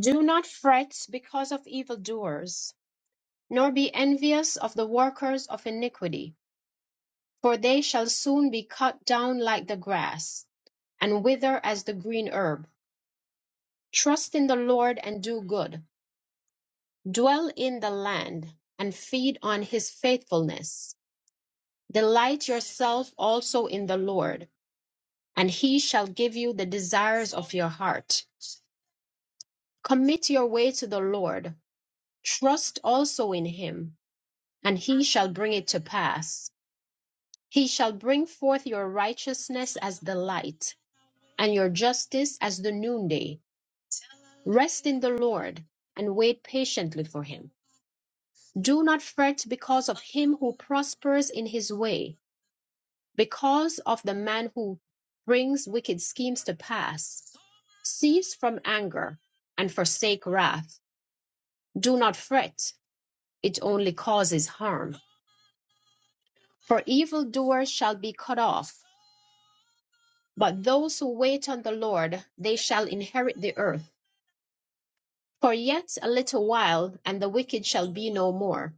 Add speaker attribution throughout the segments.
Speaker 1: Do not fret because of evildoers, nor be envious of the workers of iniquity, for they shall soon be cut down like the grass, and wither as the green herb. Trust in the Lord and do good. Dwell in the land and feed on his faithfulness. Delight yourself also in the Lord, and he shall give you the desires of your heart. Commit your way to the Lord. Trust also in him, and he shall bring it to pass. He shall bring forth your righteousness as the light, and your justice as the noonday. Rest in the Lord, and wait patiently for him. Do not fret because of him who prospers in his way, because of the man who brings wicked schemes to pass. Cease from anger and forsake wrath. Do not fret, it only causes harm. For evildoers shall be cut off, But those who wait on the Lord, they shall inherit the earth. For yet a little while, and the wicked shall be no more.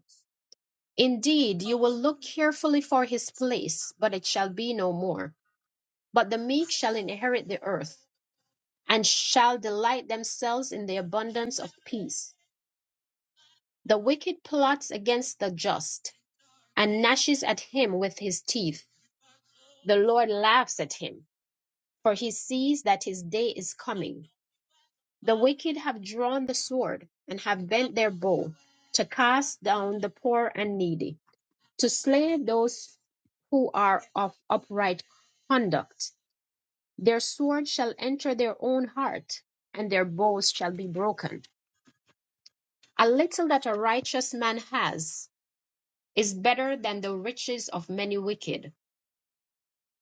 Speaker 1: Indeed, you will look carefully for his place, but it shall be no more. But the meek shall inherit the earth, and shall delight themselves in the abundance of peace. The wicked plots against the just, and gnashes at him with his teeth. The Lord laughs at him, for he sees that his day is coming The wicked have drawn the sword and have bent their bow to cast down the poor and needy, to slay those who are of upright conduct. Their sword shall enter their own heart, and their bows shall be broken. A little that a righteous man has is better than the riches of many wicked.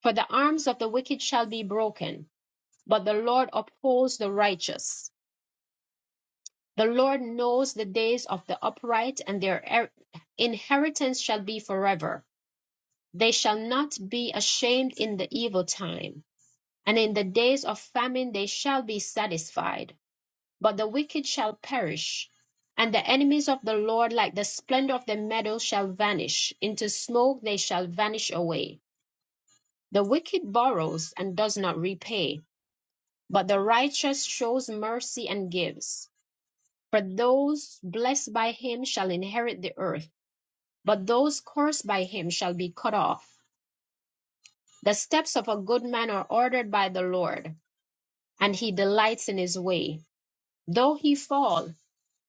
Speaker 1: For the arms of the wicked shall be broken, but the Lord upholds the righteous. The Lord knows the days of the upright, and their er- inheritance shall be forever. They shall not be ashamed in the evil time, and in the days of famine they shall be satisfied. But the wicked shall perish, and the enemies of the Lord, like the splendor of the meadow, shall vanish. Into smoke they shall vanish away. The wicked borrows and does not repay, but the righteous shows mercy and gives. For those blessed by him shall inherit the earth, but those cursed by him shall be cut off. The steps of a good man are ordered by the Lord, and he delights in his way. Though he fall,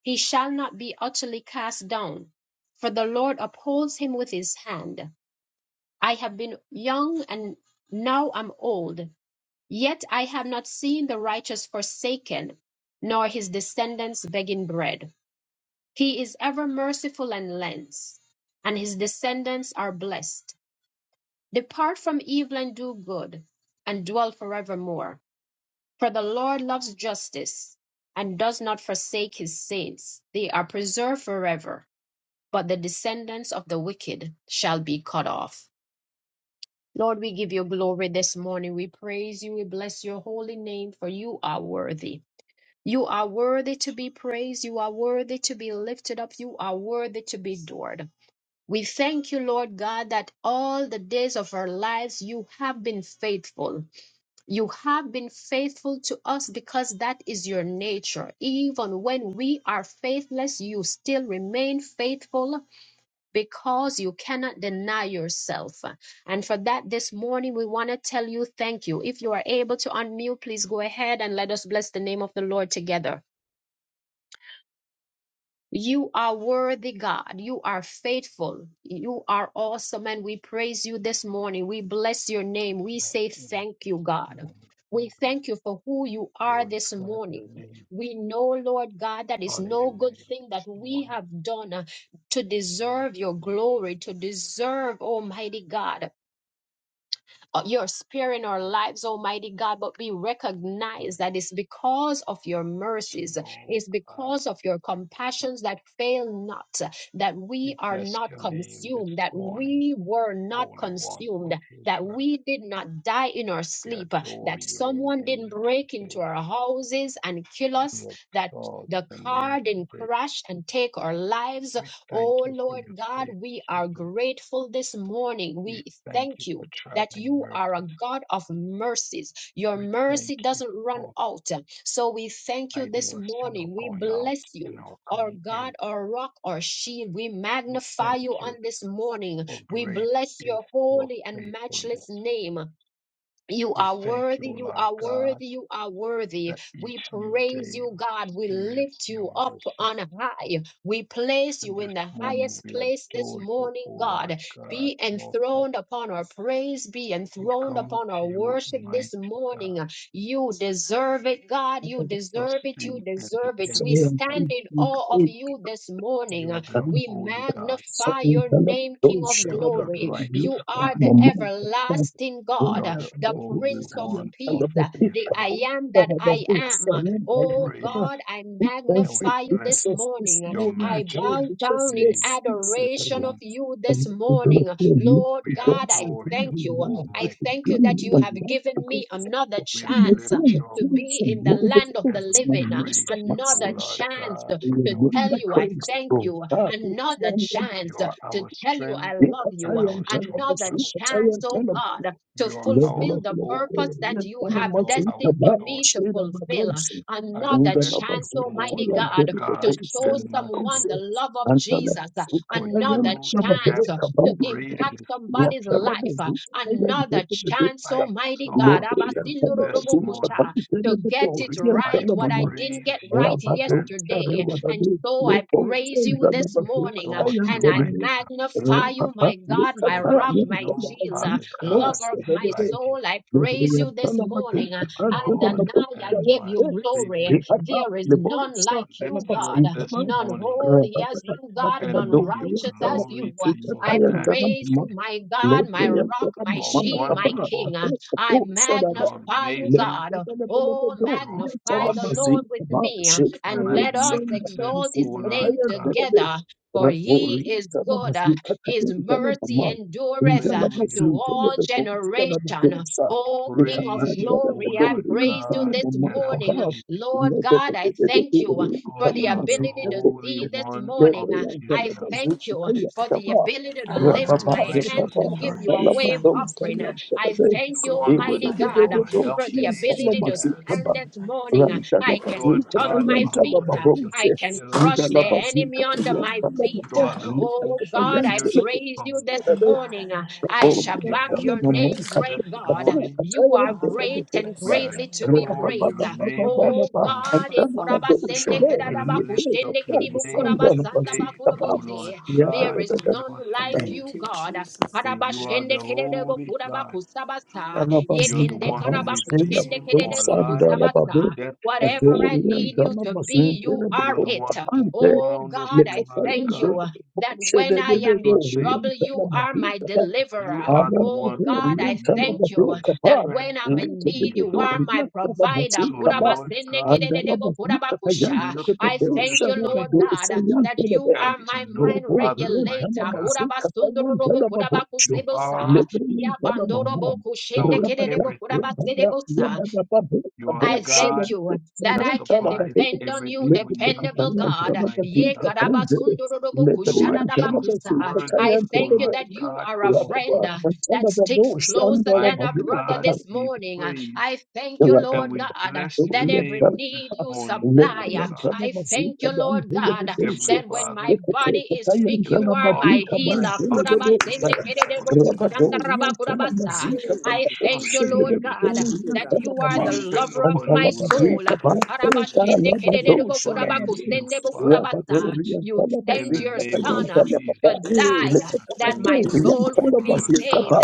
Speaker 1: he shall not be utterly cast down, for the Lord upholds him with his hand. I have been young and now am old, yet I have not seen the righteous forsaken, nor his descendants begging bread. He is ever merciful and lends, and his descendants are blessed. Depart from evil and do good, and dwell forevermore. For the Lord loves justice and does not forsake his saints. They are preserved forever, but the descendants of the wicked shall be cut off. Lord, we give you glory this morning. We praise you. We bless your holy name, for you are worthy. You are worthy to be praised. You are worthy to be lifted up. You are worthy to be adored. We thank you, Lord God, that all the days of our lives you have been faithful. You have been faithful to us because that is your nature. Even when we are faithless, you still remain faithful because you cannot deny yourself. And for that, this morning, we want to tell you thank you. If you are able to unmute, please go ahead and let us bless the name of the Lord together. You are worthy, God. You are faithful. You are awesome. And we praise you this morning. We bless your name. We say thank you, God. We thank you for who you are this morning. We know, Lord God, that is no good thing that we have done uh, to deserve your glory, to deserve, Almighty God uh, your spirit in our lives, Almighty God, but we recognize that it's because of your mercies, it's because of your compassions that fail not, that we are not consumed, that we were not consumed, that we did not die in our sleep, that someone didn't break into our houses and kill us, that the car didn't crash and take our lives. Oh Lord God, we are grateful this morning. We thank you that you are a God of mercies. Your mercy doesn't run out. So we thank you this morning. We bless you, our God, our rock, our shield. We magnify you on this morning. We bless your holy and matchless name. You are worthy, you are worthy, you are worthy. We praise you, God. We lift you up on high. We place you in the highest place this morning, God. Be enthroned upon our praise, be enthroned upon our worship this morning. You deserve it, God.
Speaker 2: Thank
Speaker 1: You deserve it, you deserve it. We
Speaker 2: you,
Speaker 1: stand in awe of you this morning. We magnify your name, King of glory. You are the everlasting God the Prince of Peace, uh, the I am that I am. Oh God, I magnify you this
Speaker 2: Jesus, this
Speaker 1: morning.
Speaker 2: morning,
Speaker 1: I
Speaker 2: God,
Speaker 1: bow
Speaker 2: because
Speaker 1: down
Speaker 2: you are
Speaker 1: in
Speaker 2: sweet
Speaker 1: adoration
Speaker 2: suffering.
Speaker 1: of you this
Speaker 2: And we don't
Speaker 1: morning.
Speaker 2: need
Speaker 1: Lord
Speaker 2: to
Speaker 1: God,
Speaker 2: dance
Speaker 1: I
Speaker 2: like we
Speaker 1: thank
Speaker 2: do
Speaker 1: you.
Speaker 2: now. We
Speaker 1: I
Speaker 2: can do
Speaker 1: thank you that
Speaker 2: it
Speaker 1: you
Speaker 2: and
Speaker 1: have
Speaker 2: love
Speaker 1: given
Speaker 2: to go.
Speaker 1: me another
Speaker 2: I'm not
Speaker 1: chance uh,
Speaker 2: doing
Speaker 1: to
Speaker 2: it.
Speaker 1: be
Speaker 2: I'm
Speaker 1: in the
Speaker 2: not doing it.
Speaker 1: land
Speaker 2: I'm not
Speaker 1: of
Speaker 2: doing
Speaker 1: the
Speaker 2: it. My
Speaker 1: living, uh,
Speaker 2: master, my
Speaker 1: another
Speaker 2: savior.
Speaker 1: chance uh, to tell
Speaker 2: Hallelujah,
Speaker 1: you I
Speaker 2: praise
Speaker 1: thank
Speaker 2: God.
Speaker 1: you,
Speaker 2: God, we
Speaker 1: another
Speaker 2: thank you.
Speaker 1: chance uh, to tell you I love you,
Speaker 2: you and tell you, but
Speaker 1: another
Speaker 2: we can tell you
Speaker 1: chance,
Speaker 2: and tell
Speaker 1: oh
Speaker 2: you.
Speaker 1: God, to
Speaker 2: Live, live,
Speaker 1: fulfill
Speaker 2: live,
Speaker 1: the
Speaker 2: live.
Speaker 1: purpose that
Speaker 2: are
Speaker 1: you
Speaker 2: telling them
Speaker 1: have
Speaker 2: what's in the
Speaker 1: destined for me to
Speaker 2: them
Speaker 1: fulfill. Another chance, Almighty
Speaker 2: you and tell
Speaker 1: God,
Speaker 2: you,
Speaker 1: to
Speaker 2: but we
Speaker 1: show
Speaker 2: you, don't
Speaker 1: someone the
Speaker 2: say.
Speaker 1: love of
Speaker 2: And
Speaker 1: Jesus.
Speaker 2: you
Speaker 1: Another
Speaker 2: and tell you,
Speaker 1: chance to
Speaker 2: you.
Speaker 1: impact
Speaker 2: are
Speaker 1: somebody's
Speaker 2: telling
Speaker 1: life.
Speaker 2: them, we can tell you and you,
Speaker 1: Another
Speaker 2: but we can you.
Speaker 1: chance, Almity
Speaker 2: Live,
Speaker 1: God,
Speaker 2: live, and you, but we can
Speaker 1: Abasindorodobokusha,
Speaker 2: tell
Speaker 1: to get it
Speaker 2: you,
Speaker 1: right,
Speaker 2: but we
Speaker 1: what
Speaker 2: tell
Speaker 1: I
Speaker 2: you.
Speaker 1: didn't get right
Speaker 2: Rabadosa
Speaker 1: yesterday. And
Speaker 2: Redabadu,
Speaker 1: so I
Speaker 2: Lepo
Speaker 1: praise you
Speaker 2: Chenja
Speaker 1: this
Speaker 2: Babazuka
Speaker 1: morning and I
Speaker 2: Tayantele,
Speaker 1: magnify you,
Speaker 2: Rababa
Speaker 1: my God, my
Speaker 2: Likata,
Speaker 1: rock, my shield.
Speaker 2: Yantabazika, O
Speaker 1: Lover of my
Speaker 2: Sedade,
Speaker 1: soul, I praise you this
Speaker 2: Yantana
Speaker 1: morning.
Speaker 2: Baduka, Antana
Speaker 1: Adonai, I
Speaker 2: Baduka,
Speaker 1: give you glory.
Speaker 2: Rikata,
Speaker 1: There is none
Speaker 2: Lebosa,
Speaker 1: like you, God.
Speaker 2: Anabazika,
Speaker 1: None holy
Speaker 2: Rababa
Speaker 1: as you, God. None
Speaker 2: Badabado,
Speaker 1: righteous
Speaker 2: Yantana
Speaker 1: as you.
Speaker 2: Bazika,
Speaker 1: I
Speaker 2: Tayantana,
Speaker 1: praise you, my God,
Speaker 2: Lepo
Speaker 1: my rock, my
Speaker 2: Yantana,
Speaker 1: shield, my
Speaker 2: Manakapa,
Speaker 1: king. I magnify you,
Speaker 2: let
Speaker 1: God.
Speaker 2: let them let them let
Speaker 1: Oh,
Speaker 2: them go. Let
Speaker 1: magnify the
Speaker 2: them
Speaker 1: Lord
Speaker 2: see
Speaker 1: with
Speaker 2: about
Speaker 1: me
Speaker 2: shit. Let
Speaker 1: and
Speaker 2: them
Speaker 1: let us
Speaker 2: send them
Speaker 1: exalt
Speaker 2: see.
Speaker 1: his
Speaker 2: about shit. Let
Speaker 1: name
Speaker 2: them let them be.
Speaker 1: together. For he
Speaker 2: Rakori
Speaker 1: is
Speaker 2: let them
Speaker 1: good,
Speaker 2: see. Let
Speaker 1: his
Speaker 2: them let them
Speaker 1: mercy
Speaker 2: man. In the
Speaker 1: endureth
Speaker 2: let them
Speaker 1: to
Speaker 2: see. Let
Speaker 1: all
Speaker 2: them go. Let them go.
Speaker 1: generation.
Speaker 2: Sa.
Speaker 1: Oh,
Speaker 2: Let
Speaker 1: King
Speaker 2: them
Speaker 1: of
Speaker 2: let them
Speaker 1: glory, I
Speaker 2: go. Let them
Speaker 1: praise you
Speaker 2: let
Speaker 1: this
Speaker 2: them man
Speaker 1: morning.
Speaker 2: about.
Speaker 1: Lord
Speaker 2: Let them let
Speaker 1: God,
Speaker 2: them
Speaker 1: I
Speaker 2: let them
Speaker 1: thank
Speaker 2: go. Let
Speaker 1: you for the
Speaker 2: them see.
Speaker 1: ability
Speaker 2: Let
Speaker 1: to
Speaker 2: them
Speaker 1: see this
Speaker 2: let them man. let
Speaker 1: morning.
Speaker 2: them see.
Speaker 1: I
Speaker 2: Let them
Speaker 1: thank you
Speaker 2: see. let
Speaker 1: for
Speaker 2: them
Speaker 1: the
Speaker 2: go.
Speaker 1: ability to
Speaker 3: Father,
Speaker 2: Rabba
Speaker 1: lift
Speaker 3: I
Speaker 1: my
Speaker 3: lift you
Speaker 1: hands
Speaker 3: and
Speaker 1: to
Speaker 3: I
Speaker 1: give you a
Speaker 3: magnify
Speaker 1: wave
Speaker 3: you, mighty
Speaker 1: offering.
Speaker 3: God.
Speaker 1: I
Speaker 3: I
Speaker 1: thank you,
Speaker 3: glorify
Speaker 1: Almighty
Speaker 3: your
Speaker 1: God,
Speaker 3: holy name,
Speaker 1: for the
Speaker 3: Jesus,
Speaker 1: ability to
Speaker 3: because there is
Speaker 1: stand
Speaker 3: none
Speaker 1: this
Speaker 3: like
Speaker 1: morning.
Speaker 3: you.
Speaker 1: I can
Speaker 3: Father,
Speaker 1: stomp
Speaker 3: you
Speaker 1: my
Speaker 3: are
Speaker 1: feet.
Speaker 3: worthy to be
Speaker 1: I can crush the
Speaker 3: praised.
Speaker 1: enemy under my feet.
Speaker 3: Hallelujah. Thank you,
Speaker 1: Oh God, I
Speaker 3: Jesus.
Speaker 1: praise you this
Speaker 3: My God, I
Speaker 1: morning. I shall
Speaker 3: magnify your
Speaker 1: back
Speaker 3: holy
Speaker 1: your
Speaker 3: name
Speaker 1: name,
Speaker 3: this
Speaker 1: great
Speaker 3: morning.
Speaker 1: God. You are
Speaker 3: Father, I
Speaker 1: great and
Speaker 3: bless your
Speaker 1: greatly
Speaker 3: name
Speaker 1: to
Speaker 3: and
Speaker 1: be
Speaker 3: I
Speaker 1: praised.
Speaker 3: lift you up.
Speaker 1: Oh God,
Speaker 3: Abba,
Speaker 1: eh,
Speaker 3: Father, you
Speaker 1: kurabasende
Speaker 3: are worthy.
Speaker 1: kadadaba kushende
Speaker 3: You
Speaker 1: kidibu
Speaker 3: are worthy
Speaker 1: kurabasanda
Speaker 3: to be praised.
Speaker 1: bakurabose.
Speaker 2: yeah, da,
Speaker 1: there
Speaker 2: da,
Speaker 3: Hallelujah.
Speaker 1: is
Speaker 2: da,
Speaker 1: none
Speaker 2: da, da,
Speaker 1: like you,
Speaker 3: Thank you,
Speaker 1: God.
Speaker 3: Jesus. We
Speaker 1: Karabashende
Speaker 3: magnify you,
Speaker 1: kededebo
Speaker 3: mighty God.
Speaker 1: kurabakusabasa.
Speaker 3: Hallelujah. You
Speaker 2: Alabazika
Speaker 1: Yekende
Speaker 3: are worthy
Speaker 2: Marcela
Speaker 3: this
Speaker 1: karabakushende
Speaker 3: morning.
Speaker 1: kededebo
Speaker 2: Dosanda
Speaker 1: kusabasa.
Speaker 2: Rababe
Speaker 3: Hallelujah.
Speaker 1: Whatever I
Speaker 2: Atorian
Speaker 1: need you to be,
Speaker 2: Dalabazinke
Speaker 1: you are
Speaker 2: Bebo
Speaker 1: it.
Speaker 2: Ante
Speaker 1: Oh God, I thank
Speaker 2: Lecapalante
Speaker 1: you that when
Speaker 2: Shede
Speaker 1: I am in
Speaker 2: Bebo Rian
Speaker 1: trouble, you are my
Speaker 2: Talabazika
Speaker 1: deliverer. Oh God,
Speaker 2: Arabian
Speaker 1: I thank
Speaker 2: Talababe
Speaker 1: you that
Speaker 2: Kaba
Speaker 1: when I'm in need, you
Speaker 2: Bebo
Speaker 1: are
Speaker 2: Rian
Speaker 1: my provider.
Speaker 2: Talabazika Ba
Speaker 1: Kurabasenekedededebo
Speaker 2: Andalabazika Tayan
Speaker 1: kurabakusha. I
Speaker 2: Bebo
Speaker 1: thank you, Lord
Speaker 2: Shadabado
Speaker 1: God,
Speaker 2: Sayan
Speaker 1: that you are my
Speaker 2: Thank
Speaker 1: mind regulator. Kurabasundorobo kurabakusebosa. Yabandorobo kushendekededebo kurabasedebosa. I thank you that I can depend on you, dependable God. Ye karabasundoroboku shadadabakusa. I thank you that you are a friend uh, that sticks closer than a brother this morning. Uh, I thank you,
Speaker 2: you.
Speaker 1: Lord God, uh, that
Speaker 2: Rabadorian
Speaker 1: every need you supply. Uh, I thank you, Lord God, uh, that when my body is sick, you are my healer.
Speaker 4: Hallelujah.
Speaker 1: Kurabasende kerereboku shandaraba
Speaker 2: Tala
Speaker 1: kurabasa.
Speaker 2: Mazika,
Speaker 1: I
Speaker 2: Papa, oh,
Speaker 1: thank you, Lord
Speaker 2: Shebele,
Speaker 1: God,
Speaker 4: Thank you,
Speaker 2: Dorian
Speaker 1: that
Speaker 4: God.
Speaker 2: Tala
Speaker 1: you are
Speaker 2: Mama,
Speaker 1: the lover of my soul.
Speaker 2: Antalabaduka
Speaker 4: Yes.
Speaker 2: Banteka Labadosha Rabadu Rabadoria
Speaker 1: You sent your
Speaker 2: Talabazika
Speaker 1: son
Speaker 2: Payanta
Speaker 1: uh,
Speaker 4: The
Speaker 1: to
Speaker 2: Lababa
Speaker 4: praise.
Speaker 1: die uh,
Speaker 4: is
Speaker 1: that
Speaker 4: due.
Speaker 1: my
Speaker 2: Lekotakatorian
Speaker 1: soul would be
Speaker 4: Thank you,
Speaker 2: Talabazika
Speaker 4: Lord.
Speaker 2: Ba
Speaker 1: saved.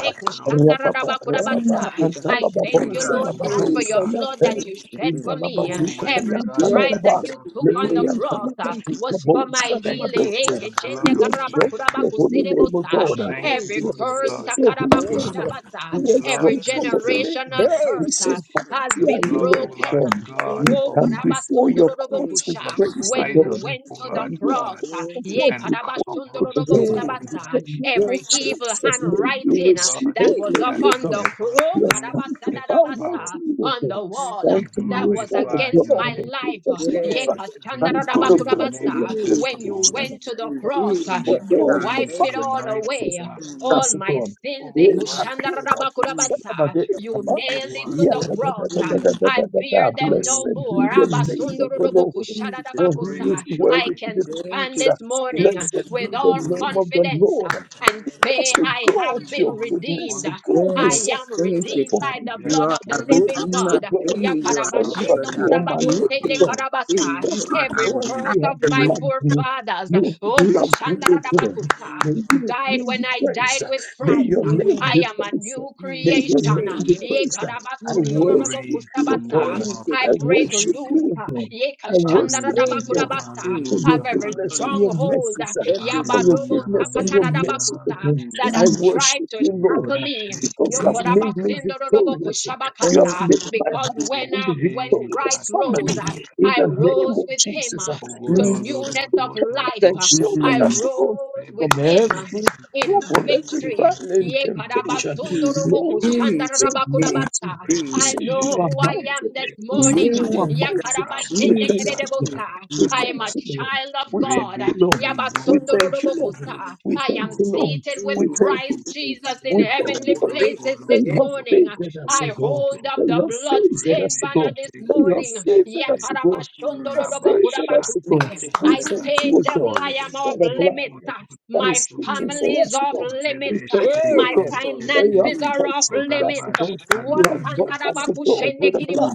Speaker 2: Rababa Rababa
Speaker 4: Thank you, God.
Speaker 1: I thank
Speaker 4: Thank you,
Speaker 1: you,
Speaker 2: Antalababosha
Speaker 4: God.
Speaker 1: Lord God, for
Speaker 4: Praise
Speaker 2: Rabadosa
Speaker 1: your blood that
Speaker 2: Lampe
Speaker 1: you shed
Speaker 4: you.
Speaker 1: for
Speaker 3: You
Speaker 1: me.
Speaker 3: are
Speaker 2: Intalabazika
Speaker 1: Every
Speaker 2: Payanta
Speaker 1: stripe that
Speaker 4: Yes.
Speaker 2: Lababa
Speaker 3: to
Speaker 4: God.
Speaker 1: you
Speaker 3: be
Speaker 1: took on the
Speaker 4: Praise
Speaker 2: Lekrianta
Speaker 1: cross uh,
Speaker 2: Labazika
Speaker 1: was for my
Speaker 2: Bosha
Speaker 3: praised.
Speaker 1: healing.
Speaker 2: Rabadose We exalt your holy name, O God.
Speaker 1: Every
Speaker 2: We
Speaker 4: Jesus.
Speaker 1: curse,
Speaker 2: exalt your holy
Speaker 1: sakarabaku
Speaker 4: Thank you,
Speaker 2: name.
Speaker 4: God.
Speaker 2: We
Speaker 4: Thank you, God.
Speaker 2: exalt
Speaker 1: Every
Speaker 2: your
Speaker 4: Praise.
Speaker 2: holy name.
Speaker 1: generational
Speaker 4: Hey,
Speaker 2: We
Speaker 1: curse
Speaker 4: thank
Speaker 1: uh,
Speaker 4: you,
Speaker 2: say
Speaker 4: God.
Speaker 1: has
Speaker 2: Dear
Speaker 1: been
Speaker 2: Lord
Speaker 1: broken.
Speaker 2: God,
Speaker 1: uh,
Speaker 2: You come before your
Speaker 4: Thank you, God. Thank
Speaker 2: courts
Speaker 4: you,
Speaker 2: with
Speaker 1: karabasundorobokusha.
Speaker 2: praise to
Speaker 1: When you
Speaker 2: God.
Speaker 1: went to the
Speaker 2: And you,
Speaker 1: cross, uh,
Speaker 4: God.
Speaker 2: come
Speaker 4: Thank you,
Speaker 2: before
Speaker 1: ye
Speaker 4: God.
Speaker 2: we worship to God. In the
Speaker 1: karabasundorobokudabasa,
Speaker 2: name of
Speaker 4: Yes.
Speaker 1: every evil
Speaker 2: Jesus, may you
Speaker 1: handwriting uh,
Speaker 2: receive
Speaker 1: that
Speaker 2: your
Speaker 4: Hey.
Speaker 1: was
Speaker 2: glory, O
Speaker 1: upon the
Speaker 2: God.
Speaker 1: cross,
Speaker 2: You have come to bow down to you, O
Speaker 1: on
Speaker 2: God.
Speaker 1: the
Speaker 4: Thank
Speaker 1: wall,
Speaker 4: you,
Speaker 1: uh,
Speaker 2: Thank
Speaker 4: God.
Speaker 1: that
Speaker 2: you
Speaker 1: was
Speaker 2: for, O
Speaker 1: against
Speaker 2: God,
Speaker 1: my
Speaker 2: the gift
Speaker 1: life.
Speaker 2: of
Speaker 1: uh, ye
Speaker 2: life.
Speaker 4: Yes.
Speaker 2: Thank you, O
Speaker 4: Thank
Speaker 2: God,
Speaker 4: you.
Speaker 2: for
Speaker 4: Thank
Speaker 2: your
Speaker 1: kashandarabakudabasa.
Speaker 4: you.
Speaker 1: When you
Speaker 4: Thank
Speaker 2: protection.
Speaker 1: went to the
Speaker 4: you.
Speaker 2: Thank you,
Speaker 1: cross,
Speaker 4: Thank
Speaker 1: uh,
Speaker 4: you.
Speaker 2: O
Speaker 4: Yes,
Speaker 1: you
Speaker 2: God,
Speaker 4: God.
Speaker 1: wiped
Speaker 2: for
Speaker 1: it
Speaker 4: Thank you,
Speaker 1: all
Speaker 4: Father.
Speaker 1: away.
Speaker 4: Mm.
Speaker 1: All
Speaker 2: that's
Speaker 1: my
Speaker 2: God.
Speaker 1: sins, eh,
Speaker 2: Eh,
Speaker 4: Yes,
Speaker 2: kakaraka,
Speaker 4: God.
Speaker 2: saba de
Speaker 1: you
Speaker 2: kaba.
Speaker 1: nailed it to
Speaker 2: Yeah,
Speaker 1: the
Speaker 2: da, da, da,
Speaker 1: cross. ah.
Speaker 2: da, da,
Speaker 1: I bear them no
Speaker 2: Blessed be
Speaker 1: more.
Speaker 2: the name of the Lord,
Speaker 4: Jesus,
Speaker 2: for he
Speaker 1: Abasundorobokushadadabakusa.
Speaker 4: Jesus,
Speaker 2: is
Speaker 1: I
Speaker 2: worthy to
Speaker 1: can
Speaker 2: be
Speaker 4: thank
Speaker 1: stand
Speaker 4: you,
Speaker 2: praised.
Speaker 1: this
Speaker 4: God. Thank
Speaker 1: morning
Speaker 4: you,
Speaker 1: ah,
Speaker 2: Blessed
Speaker 4: God.
Speaker 2: be
Speaker 1: with
Speaker 2: the
Speaker 1: all
Speaker 2: name of the
Speaker 1: confidence ah,
Speaker 2: Lord.
Speaker 1: and
Speaker 2: That's
Speaker 1: say,
Speaker 2: the
Speaker 1: I have
Speaker 2: God,
Speaker 1: been
Speaker 2: your goodness,
Speaker 1: redeemed. ah.
Speaker 2: God is
Speaker 1: I
Speaker 4: Yes,
Speaker 1: am
Speaker 4: thank
Speaker 2: sufficient
Speaker 4: you,
Speaker 1: redeemed
Speaker 2: for
Speaker 4: God.
Speaker 1: by
Speaker 2: me.
Speaker 1: the
Speaker 4: You
Speaker 1: blood
Speaker 4: are
Speaker 1: of the
Speaker 4: our
Speaker 2: Praise
Speaker 1: living
Speaker 4: Redeemer.
Speaker 2: the
Speaker 1: God.
Speaker 2: God
Speaker 4: Hey,
Speaker 2: who
Speaker 4: you are our
Speaker 2: forever
Speaker 4: healer,
Speaker 1: Yakarabashendo
Speaker 2: be
Speaker 4: God.
Speaker 2: on my
Speaker 4: Hey,
Speaker 2: lips,
Speaker 4: hey,
Speaker 2: God.
Speaker 4: hey, you
Speaker 2: Because of
Speaker 4: are our
Speaker 1: Every
Speaker 2: God,
Speaker 1: curse
Speaker 2: you have
Speaker 1: of
Speaker 4: Master
Speaker 1: my
Speaker 4: Redeemer,
Speaker 2: loved me.
Speaker 1: forefathers,
Speaker 2: You have
Speaker 1: oh,
Speaker 2: loved me, O God.
Speaker 4: God.
Speaker 1: kushandarabakusa
Speaker 2: May your
Speaker 1: died
Speaker 2: name
Speaker 1: when
Speaker 2: be
Speaker 1: I died
Speaker 2: praised.
Speaker 1: with
Speaker 2: May
Speaker 1: Christ.
Speaker 2: your
Speaker 1: Uh,
Speaker 2: name
Speaker 4: Mm.
Speaker 1: I
Speaker 2: be
Speaker 1: am a
Speaker 2: praised.
Speaker 1: new
Speaker 4: Yes,
Speaker 2: May
Speaker 1: creation.
Speaker 2: your
Speaker 4: mm,
Speaker 1: Uh,
Speaker 4: hey,
Speaker 2: name be
Speaker 4: yes,
Speaker 2: praised.
Speaker 4: God.
Speaker 2: I
Speaker 4: Hey,
Speaker 2: worship you,
Speaker 4: hey,
Speaker 2: O
Speaker 1: Yekarabasundorobokusabasa.
Speaker 2: God.
Speaker 4: thank you,
Speaker 1: I
Speaker 2: I
Speaker 4: God.
Speaker 1: break
Speaker 2: worship
Speaker 1: loose
Speaker 2: you,
Speaker 1: uh,
Speaker 2: O God. I worship you,
Speaker 4: Thank
Speaker 2: O
Speaker 4: you,
Speaker 2: God.
Speaker 4: God. Hey,
Speaker 1: Yekashandarabakudabasa,
Speaker 2: For your
Speaker 1: of
Speaker 4: hey,
Speaker 1: every
Speaker 2: goodness
Speaker 4: for
Speaker 2: and
Speaker 4: you,
Speaker 2: your
Speaker 1: stronghold
Speaker 2: mercy,
Speaker 1: uh,
Speaker 2: sir. For
Speaker 4: everything.
Speaker 2: your goodness
Speaker 4: Mm,
Speaker 2: and your
Speaker 4: mm,
Speaker 2: mercy, O God.
Speaker 1: that
Speaker 2: I
Speaker 1: has tried
Speaker 2: worship
Speaker 1: to
Speaker 2: you, Lord,
Speaker 1: shackle me.
Speaker 2: because you
Speaker 4: Thank
Speaker 2: have made me victorious. You have
Speaker 1: Yokorabasindorobokushabakasa.
Speaker 4: you,
Speaker 2: made
Speaker 4: God.
Speaker 2: my
Speaker 1: Because when
Speaker 2: household
Speaker 1: I, when
Speaker 2: victorious
Speaker 1: Christ rose,
Speaker 2: family
Speaker 1: uh,
Speaker 2: in
Speaker 1: I
Speaker 2: the name
Speaker 1: rose
Speaker 2: of
Speaker 1: with him.
Speaker 2: Jesus.
Speaker 1: uh,
Speaker 2: uh, You
Speaker 1: To
Speaker 4: Thank you.
Speaker 1: newness of
Speaker 2: protected
Speaker 1: life,
Speaker 2: and
Speaker 1: uh, I
Speaker 2: shielded
Speaker 4: Mm,
Speaker 2: us, O
Speaker 4: Jesus,
Speaker 2: God,
Speaker 1: rose with
Speaker 2: from
Speaker 1: him
Speaker 2: every
Speaker 1: in
Speaker 2: trouble, every
Speaker 1: victory.
Speaker 2: trial and temptation.
Speaker 4: Jesus,
Speaker 2: Lord,
Speaker 4: hey.
Speaker 2: say
Speaker 4: hey. hey,
Speaker 2: mighty.
Speaker 1: Yekarabasundorobokushandarabakudabasa.
Speaker 2: We
Speaker 4: hey.
Speaker 1: I
Speaker 2: say you
Speaker 1: know
Speaker 2: are
Speaker 1: who I
Speaker 2: mighty.
Speaker 1: am this
Speaker 2: We say
Speaker 1: morning.
Speaker 4: Yes,
Speaker 2: you are mighty.
Speaker 4: God. Mm,
Speaker 2: We thank you, Lord.
Speaker 1: Yakarabashendekerebosa.
Speaker 2: We
Speaker 1: I
Speaker 2: thank
Speaker 1: am a
Speaker 2: you, Lord.
Speaker 1: child of
Speaker 2: We thank
Speaker 1: God.
Speaker 2: you, Lord. We thank you, Lord.
Speaker 1: Yabasundorobokusa.
Speaker 2: We
Speaker 1: I am
Speaker 2: thank you, Lord.
Speaker 4: thank you,
Speaker 1: seated with
Speaker 2: We
Speaker 4: mm,
Speaker 2: thank you,
Speaker 1: Christ
Speaker 4: thank
Speaker 1: Jesus
Speaker 4: you,
Speaker 1: in
Speaker 2: we thank you
Speaker 1: heavenly
Speaker 4: thank
Speaker 1: places
Speaker 2: that
Speaker 4: you.
Speaker 1: this
Speaker 2: you
Speaker 4: Yes,
Speaker 2: have
Speaker 1: morning.
Speaker 2: favored us, O
Speaker 1: I
Speaker 2: God.
Speaker 1: hold up
Speaker 2: That you
Speaker 1: the
Speaker 2: have favored
Speaker 1: blood-stained
Speaker 2: us, O
Speaker 1: banner
Speaker 2: God.
Speaker 1: this
Speaker 2: That you have
Speaker 1: morning.
Speaker 2: favored us, O God. You have favored us, O God.
Speaker 1: Yakarabashundorobokurabakute.
Speaker 4: thank you,
Speaker 2: We
Speaker 1: I
Speaker 4: Father.
Speaker 2: thank you,
Speaker 1: say,
Speaker 2: O
Speaker 1: devil, I
Speaker 2: God,
Speaker 1: am
Speaker 2: for
Speaker 1: off
Speaker 2: the blood
Speaker 1: limits.
Speaker 2: that
Speaker 1: My
Speaker 2: is speaking
Speaker 1: family
Speaker 2: for
Speaker 1: is
Speaker 2: us, O
Speaker 1: off
Speaker 2: God. We
Speaker 1: limits. uh,
Speaker 2: thank you, O
Speaker 1: My
Speaker 4: Hey,
Speaker 2: God,
Speaker 4: glory.
Speaker 2: that you have
Speaker 1: finances are off
Speaker 2: protected us,
Speaker 1: limits.
Speaker 2: O God. You
Speaker 1: What
Speaker 2: have
Speaker 1: I
Speaker 2: bought us, O God, with the blood.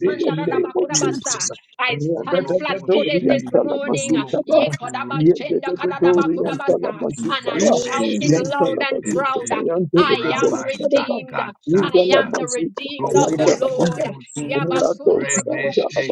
Speaker 2: In the name of Jesus.
Speaker 1: stand flat footed this morning. uh,
Speaker 2: Ra-da-da-da-do-ri-an-ta-la-ma-zi-ta-ba.
Speaker 1: yekodabashendakadadabakudabasa, And I
Speaker 4: Mm,
Speaker 2: Ye-de-de-de-do-ri-an-ta-la-ma-zi-ta-ba.
Speaker 4: yes, thank
Speaker 1: shout it loud
Speaker 2: Yantala
Speaker 1: and
Speaker 2: Masuka,
Speaker 1: proud. uh,
Speaker 2: Yantala
Speaker 1: I
Speaker 2: Baba,
Speaker 1: am redeemed. I
Speaker 2: Yantala
Speaker 1: am the redeemed of the Lord.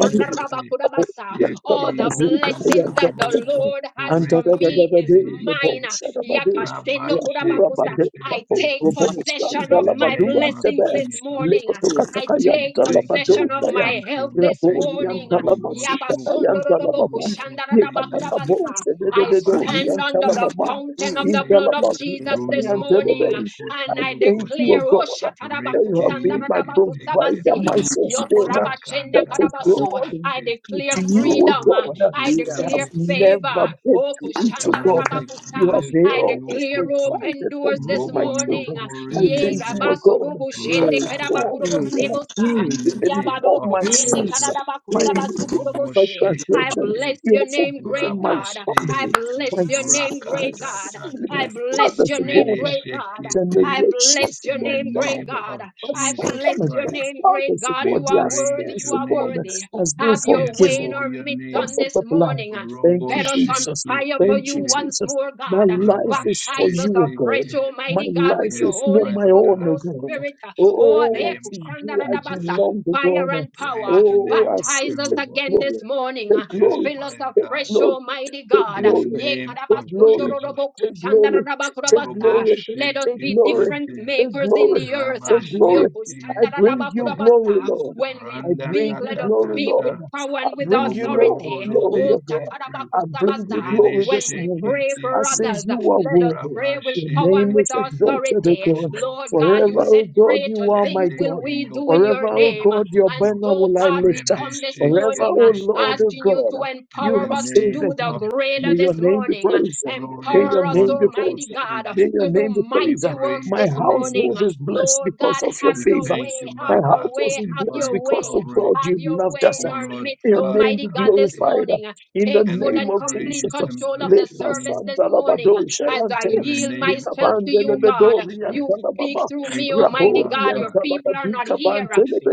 Speaker 4: you, Father. Yes,
Speaker 1: All the blessings that the Lord has for me is mine. Yakashenokorabakusa. I take
Speaker 4: mm,
Speaker 1: possession of my blessings this morning. I take possession of my health this morning. Yabasondorodobokushandaradabakurabasa. I stand under the
Speaker 2: Mama,
Speaker 1: fountain of
Speaker 4: mm,
Speaker 2: in
Speaker 1: the
Speaker 2: the
Speaker 1: blood
Speaker 2: love
Speaker 1: of
Speaker 2: of
Speaker 4: yes,
Speaker 2: you,
Speaker 4: freedom.
Speaker 1: Jesus
Speaker 2: Papa,
Speaker 1: this
Speaker 2: and
Speaker 1: morning
Speaker 2: delivery.
Speaker 1: and
Speaker 2: I
Speaker 1: I
Speaker 2: thank you, O
Speaker 1: declare, Oh,
Speaker 2: God, that you have been my provider,
Speaker 1: Shatarabakusandaradabakusabase,
Speaker 2: my sustainer. That, O
Speaker 1: Yokurabashendakarabaso.
Speaker 2: God,
Speaker 1: I
Speaker 2: with
Speaker 1: declare
Speaker 2: you, O
Speaker 1: freedom. uh,
Speaker 2: God,
Speaker 1: I
Speaker 4: Thank
Speaker 2: I have
Speaker 1: declare
Speaker 2: never
Speaker 1: favor.
Speaker 2: been
Speaker 1: Oh,
Speaker 4: you,
Speaker 2: to each,
Speaker 4: Father.
Speaker 2: O God. You
Speaker 1: kushandarabakusa.
Speaker 2: have
Speaker 1: I
Speaker 2: always
Speaker 1: declare open
Speaker 2: provided for
Speaker 1: doors
Speaker 2: me,
Speaker 1: this
Speaker 2: my
Speaker 1: morning.
Speaker 2: children.
Speaker 1: uh,
Speaker 2: I
Speaker 1: Yea,
Speaker 2: thank you, O God,
Speaker 1: rabasurubu
Speaker 2: that,
Speaker 1: shende
Speaker 4: Mm,
Speaker 2: O God,
Speaker 1: karabakurubu
Speaker 2: you have
Speaker 4: mm, mm,
Speaker 1: sebosa.
Speaker 4: mm.
Speaker 2: forgiven me all
Speaker 1: Yabadoku
Speaker 2: my
Speaker 1: sende
Speaker 2: sins, my
Speaker 1: karadabakusa basukurubu
Speaker 2: my
Speaker 1: se. I
Speaker 2: transgressions,
Speaker 1: bless
Speaker 2: You
Speaker 1: your
Speaker 2: have
Speaker 1: name,
Speaker 2: forgiven
Speaker 1: great
Speaker 2: my
Speaker 1: God. I
Speaker 2: family, my,
Speaker 1: bless your name,
Speaker 2: f- my
Speaker 1: great God.
Speaker 2: family,
Speaker 1: I
Speaker 2: my
Speaker 1: bless
Speaker 2: father's
Speaker 1: your name,
Speaker 2: God, uh,
Speaker 1: great God. I bless
Speaker 2: generations to
Speaker 1: your
Speaker 2: go
Speaker 1: name, great
Speaker 2: down.
Speaker 1: God.
Speaker 2: My
Speaker 1: I
Speaker 2: father,
Speaker 1: bless
Speaker 2: my
Speaker 1: your name, great
Speaker 2: grandfather's
Speaker 1: God.
Speaker 2: God,
Speaker 1: You are
Speaker 2: their
Speaker 1: worthy.
Speaker 2: sins,
Speaker 1: You are
Speaker 2: God,
Speaker 1: worthy.
Speaker 2: has been
Speaker 1: Have your way
Speaker 2: forgiven
Speaker 1: in our midst
Speaker 2: because
Speaker 1: on
Speaker 2: of
Speaker 1: this
Speaker 2: the blood.
Speaker 1: morning.
Speaker 2: Thank you,
Speaker 1: Set us on
Speaker 2: Jesus.
Speaker 1: fire for
Speaker 2: Thank
Speaker 1: you
Speaker 2: you,
Speaker 1: once
Speaker 2: Jesus.
Speaker 1: more,
Speaker 2: My
Speaker 1: God.
Speaker 2: life is for
Speaker 1: Baptize us
Speaker 2: you, O God.
Speaker 1: afresh,
Speaker 2: My
Speaker 1: Almighty God, with
Speaker 2: life
Speaker 1: your
Speaker 2: is not
Speaker 1: Holy
Speaker 2: my
Speaker 1: Spo-
Speaker 2: own, O
Speaker 1: Ghost
Speaker 2: God.
Speaker 1: Spirit. Oh,
Speaker 2: Oh,
Speaker 1: therefore,
Speaker 2: unto you I
Speaker 1: shandarabasa,
Speaker 2: belong, O
Speaker 1: Fire
Speaker 2: God.
Speaker 1: and power.
Speaker 2: Oh, I say,
Speaker 1: Baptize us
Speaker 2: take
Speaker 1: again
Speaker 2: glory,
Speaker 1: this morning.
Speaker 2: take glory,
Speaker 1: Fill us
Speaker 2: take
Speaker 1: afresh,
Speaker 2: glory.
Speaker 1: Almighty
Speaker 2: Take
Speaker 1: God.
Speaker 2: glory.
Speaker 1: Ye
Speaker 2: Take glory.
Speaker 1: kadabasundorodoboku
Speaker 2: Take glory. Take
Speaker 1: shandarabakurabasa.
Speaker 2: glory.
Speaker 1: Let us
Speaker 2: Take
Speaker 1: be
Speaker 2: glory.
Speaker 1: different
Speaker 2: Take
Speaker 1: makers in
Speaker 2: glory.
Speaker 1: the earth.
Speaker 2: Take glory.
Speaker 1: Yoku
Speaker 2: I bring you glory,
Speaker 1: shandarabakurabasa.
Speaker 2: Lord.
Speaker 1: When we
Speaker 2: I bring
Speaker 1: Speak,
Speaker 2: you
Speaker 1: let us
Speaker 2: glory,
Speaker 1: speak with
Speaker 2: Lord.
Speaker 1: power
Speaker 2: I
Speaker 1: and with
Speaker 2: bring you, Lord,
Speaker 1: authority.
Speaker 2: glory
Speaker 1: Oh,
Speaker 2: of God. I bring you
Speaker 1: Shatarabakusabasa.
Speaker 2: glory this
Speaker 1: When we
Speaker 2: morning.
Speaker 1: pray
Speaker 2: I
Speaker 1: for
Speaker 2: say
Speaker 1: others,
Speaker 2: you are
Speaker 1: let us
Speaker 2: worthy.
Speaker 1: pray with
Speaker 2: Your
Speaker 1: power
Speaker 2: name
Speaker 1: and with
Speaker 2: is exalted, O
Speaker 1: authority.
Speaker 2: God.
Speaker 1: Lord God, you
Speaker 2: Forever, O
Speaker 1: said,
Speaker 2: God, you
Speaker 1: Greater
Speaker 2: are my
Speaker 1: things will
Speaker 2: God.
Speaker 1: we do in
Speaker 2: Forever,
Speaker 1: your
Speaker 2: O
Speaker 1: name.
Speaker 2: God, your
Speaker 1: And
Speaker 2: banner
Speaker 1: so,
Speaker 2: will I
Speaker 1: God, we
Speaker 2: lift up.
Speaker 1: come this
Speaker 2: Forever,
Speaker 1: morning
Speaker 2: O
Speaker 1: uh,
Speaker 2: Lord, O
Speaker 1: asking you to
Speaker 2: God, you
Speaker 1: empower
Speaker 2: have
Speaker 1: us to do
Speaker 2: favored
Speaker 1: the
Speaker 2: me.
Speaker 1: greater
Speaker 2: May your
Speaker 1: this
Speaker 2: name be
Speaker 1: morning. Uh,
Speaker 2: praised. May your
Speaker 1: Empower us,
Speaker 2: name be
Speaker 1: Almighty
Speaker 2: praised.
Speaker 1: God, uh,
Speaker 2: May your
Speaker 1: to do
Speaker 2: name be praised.
Speaker 1: mighty works
Speaker 2: My
Speaker 1: this morning.
Speaker 2: household
Speaker 1: Uh,
Speaker 2: is blessed
Speaker 1: Lord
Speaker 2: because
Speaker 1: God,
Speaker 2: of your
Speaker 1: have your
Speaker 2: favor.
Speaker 1: way,
Speaker 2: My
Speaker 1: have your
Speaker 2: household is
Speaker 1: way, have
Speaker 2: blessed
Speaker 1: your way.
Speaker 2: because of God.
Speaker 1: Have
Speaker 2: You
Speaker 1: your
Speaker 2: loved
Speaker 1: way
Speaker 2: us.
Speaker 1: in our midst,
Speaker 2: May your name
Speaker 1: Almighty
Speaker 2: be
Speaker 1: God, this
Speaker 2: glorified.
Speaker 1: morning.
Speaker 2: In the
Speaker 1: Take full
Speaker 2: name
Speaker 1: and
Speaker 2: of
Speaker 1: complete
Speaker 2: Jesus,
Speaker 1: control of the
Speaker 2: Leka
Speaker 1: service this morning
Speaker 2: Sandalabado
Speaker 1: as I
Speaker 2: Shayante,
Speaker 1: yield
Speaker 2: Lika
Speaker 1: myself to you, God.
Speaker 2: Bandelebedori and
Speaker 1: You speak through me, Almighty
Speaker 2: Rabori
Speaker 1: God.
Speaker 2: and
Speaker 1: Your people are not here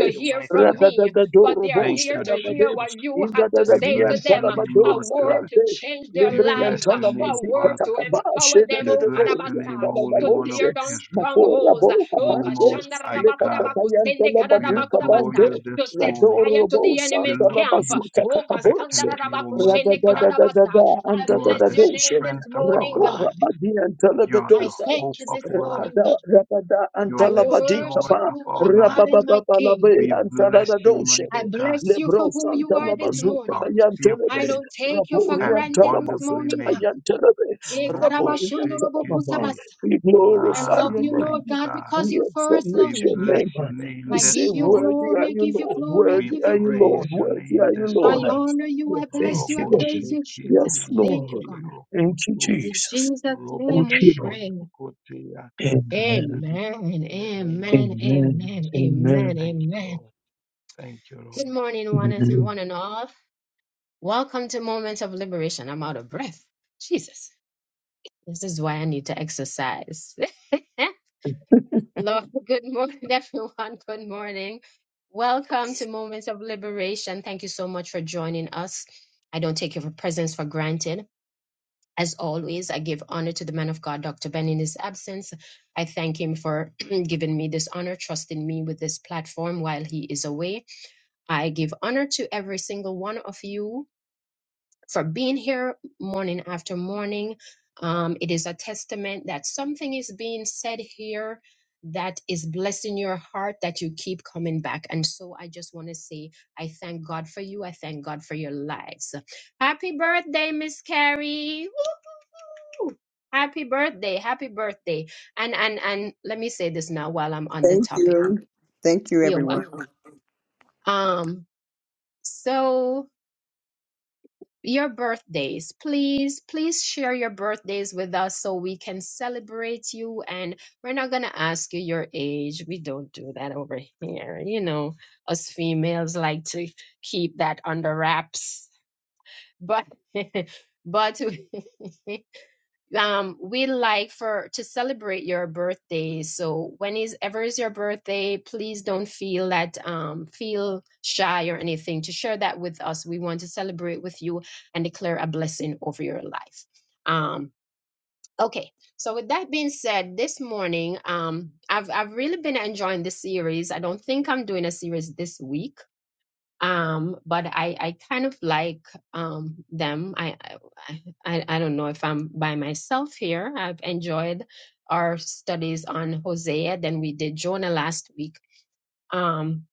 Speaker 1: to hear from me, but
Speaker 2: Radadadadoro
Speaker 1: they are here to hear
Speaker 2: Boshadabade,
Speaker 1: what you have to
Speaker 2: Indadadadi
Speaker 1: say to
Speaker 2: and
Speaker 1: them a word to
Speaker 2: Sayante,
Speaker 1: change their
Speaker 2: Libre
Speaker 1: lives, a
Speaker 2: yantana mazika
Speaker 1: word to
Speaker 2: takaba
Speaker 1: empower
Speaker 2: shede
Speaker 1: them,
Speaker 2: de
Speaker 1: oh
Speaker 2: de de
Speaker 1: Kadabasa,
Speaker 2: yantana
Speaker 1: to
Speaker 2: baboje
Speaker 1: tear down
Speaker 2: makora
Speaker 1: strongholds.
Speaker 2: bo
Speaker 1: Oh
Speaker 2: kapande le kataka
Speaker 1: Kashandarabakudabaku, Sende
Speaker 2: yantana badu kabande
Speaker 1: Kadabakudabasa to set
Speaker 2: radoro
Speaker 1: fire to
Speaker 2: bo
Speaker 1: the enemy's
Speaker 2: santana
Speaker 1: camp.
Speaker 2: bazika
Speaker 1: Oh,
Speaker 2: takaboje rada da da da da
Speaker 1: Kastandarabakushendekadadabasa.
Speaker 2: da
Speaker 1: I
Speaker 2: anda da da
Speaker 1: bless your
Speaker 2: doje
Speaker 1: name this morning, God.
Speaker 2: rakora badi yantana
Speaker 1: I
Speaker 2: bedosa
Speaker 1: thank you this morning,
Speaker 2: rabada
Speaker 1: God.
Speaker 2: rabada
Speaker 1: I
Speaker 2: antala badi
Speaker 1: worship
Speaker 2: kaba
Speaker 1: you, my God and
Speaker 2: rabababa
Speaker 1: my
Speaker 2: balabe
Speaker 1: King.
Speaker 2: antala da doje
Speaker 1: I bless you for
Speaker 2: lebro
Speaker 1: who you are
Speaker 2: santana
Speaker 1: this
Speaker 2: bazuka
Speaker 1: morning.
Speaker 2: yantana
Speaker 1: I don't take you for
Speaker 2: Raboria
Speaker 1: granted this
Speaker 2: Talabazuta
Speaker 1: morning, God.
Speaker 2: Ayantelebe,
Speaker 1: Eh,
Speaker 2: Raboria Talamama.
Speaker 1: Karabashundorobokusabasa.
Speaker 2: We
Speaker 1: I
Speaker 2: glorify
Speaker 1: love
Speaker 2: your
Speaker 1: you, Lord
Speaker 2: name.
Speaker 1: God, because
Speaker 2: We
Speaker 1: you
Speaker 2: exalt
Speaker 1: first loved
Speaker 2: your
Speaker 1: me.
Speaker 2: name. We
Speaker 1: I
Speaker 2: say,
Speaker 1: give you
Speaker 2: Worthy
Speaker 1: glory,
Speaker 2: are
Speaker 1: I
Speaker 2: you,
Speaker 1: give you
Speaker 2: Lord.
Speaker 1: glory, I
Speaker 2: Worthy
Speaker 1: give
Speaker 2: are
Speaker 1: you
Speaker 2: you,
Speaker 1: glory.
Speaker 2: Lord. Worthy are you, Lord.
Speaker 1: I honor you,
Speaker 2: We
Speaker 1: I
Speaker 2: thank
Speaker 1: bless you, I
Speaker 2: you, Lord.
Speaker 1: praise you,
Speaker 2: Yes,
Speaker 1: Jesus. Thank you,
Speaker 2: Lord.
Speaker 1: God.
Speaker 2: Thank you,
Speaker 1: In
Speaker 2: Jesus.
Speaker 1: Jesus'
Speaker 2: Thank
Speaker 1: name we
Speaker 2: you, Lord.
Speaker 1: pray.
Speaker 2: Amen.
Speaker 1: Amen, amen,
Speaker 2: Amen.
Speaker 1: amen, amen,
Speaker 2: Amen.
Speaker 1: amen. Good morning, one and,
Speaker 2: Amen.
Speaker 1: one and all. Welcome to Moments of Liberation. I'm out of breath. Jesus, this is why I need to exercise. Lord, good morning, everyone. Good morning. Welcome to Moments of Liberation. Thank you so much for joining us. I don't take your presence for granted. As always, I give honor to the man of God, Dr. Ben, in his absence. I thank him for giving me this honor, trusting me with this platform while he is away. I give honor to every single one of you for being here morning after morning. Um, it is a testament that something is being said here that is blessing your heart that you keep coming back. And so I just want to say, I thank God for you. I thank God for your lives. Happy birthday, Miss Carrie happy birthday happy birthday and and and let me say this now while i'm on the
Speaker 4: Thank
Speaker 1: topic
Speaker 4: you. Thank you,
Speaker 1: you're
Speaker 4: everyone.
Speaker 1: welcome um so your birthdays please please share your birthdays with us so we can celebrate you and we're not going to ask you your age we don't do that over here you know us females like to keep that under wraps but but um we like for to celebrate your birthday so when is ever is your birthday please don't feel that um feel shy or anything to share that with us we want to celebrate with you and declare a blessing over your life um okay so with that being said this morning um i've i've really been enjoying this series i don't think i'm doing a series this week um but i i kind of like um them i i i I don't know if i'm by myself here i've enjoyed our studies on hosea then we did jonah last week um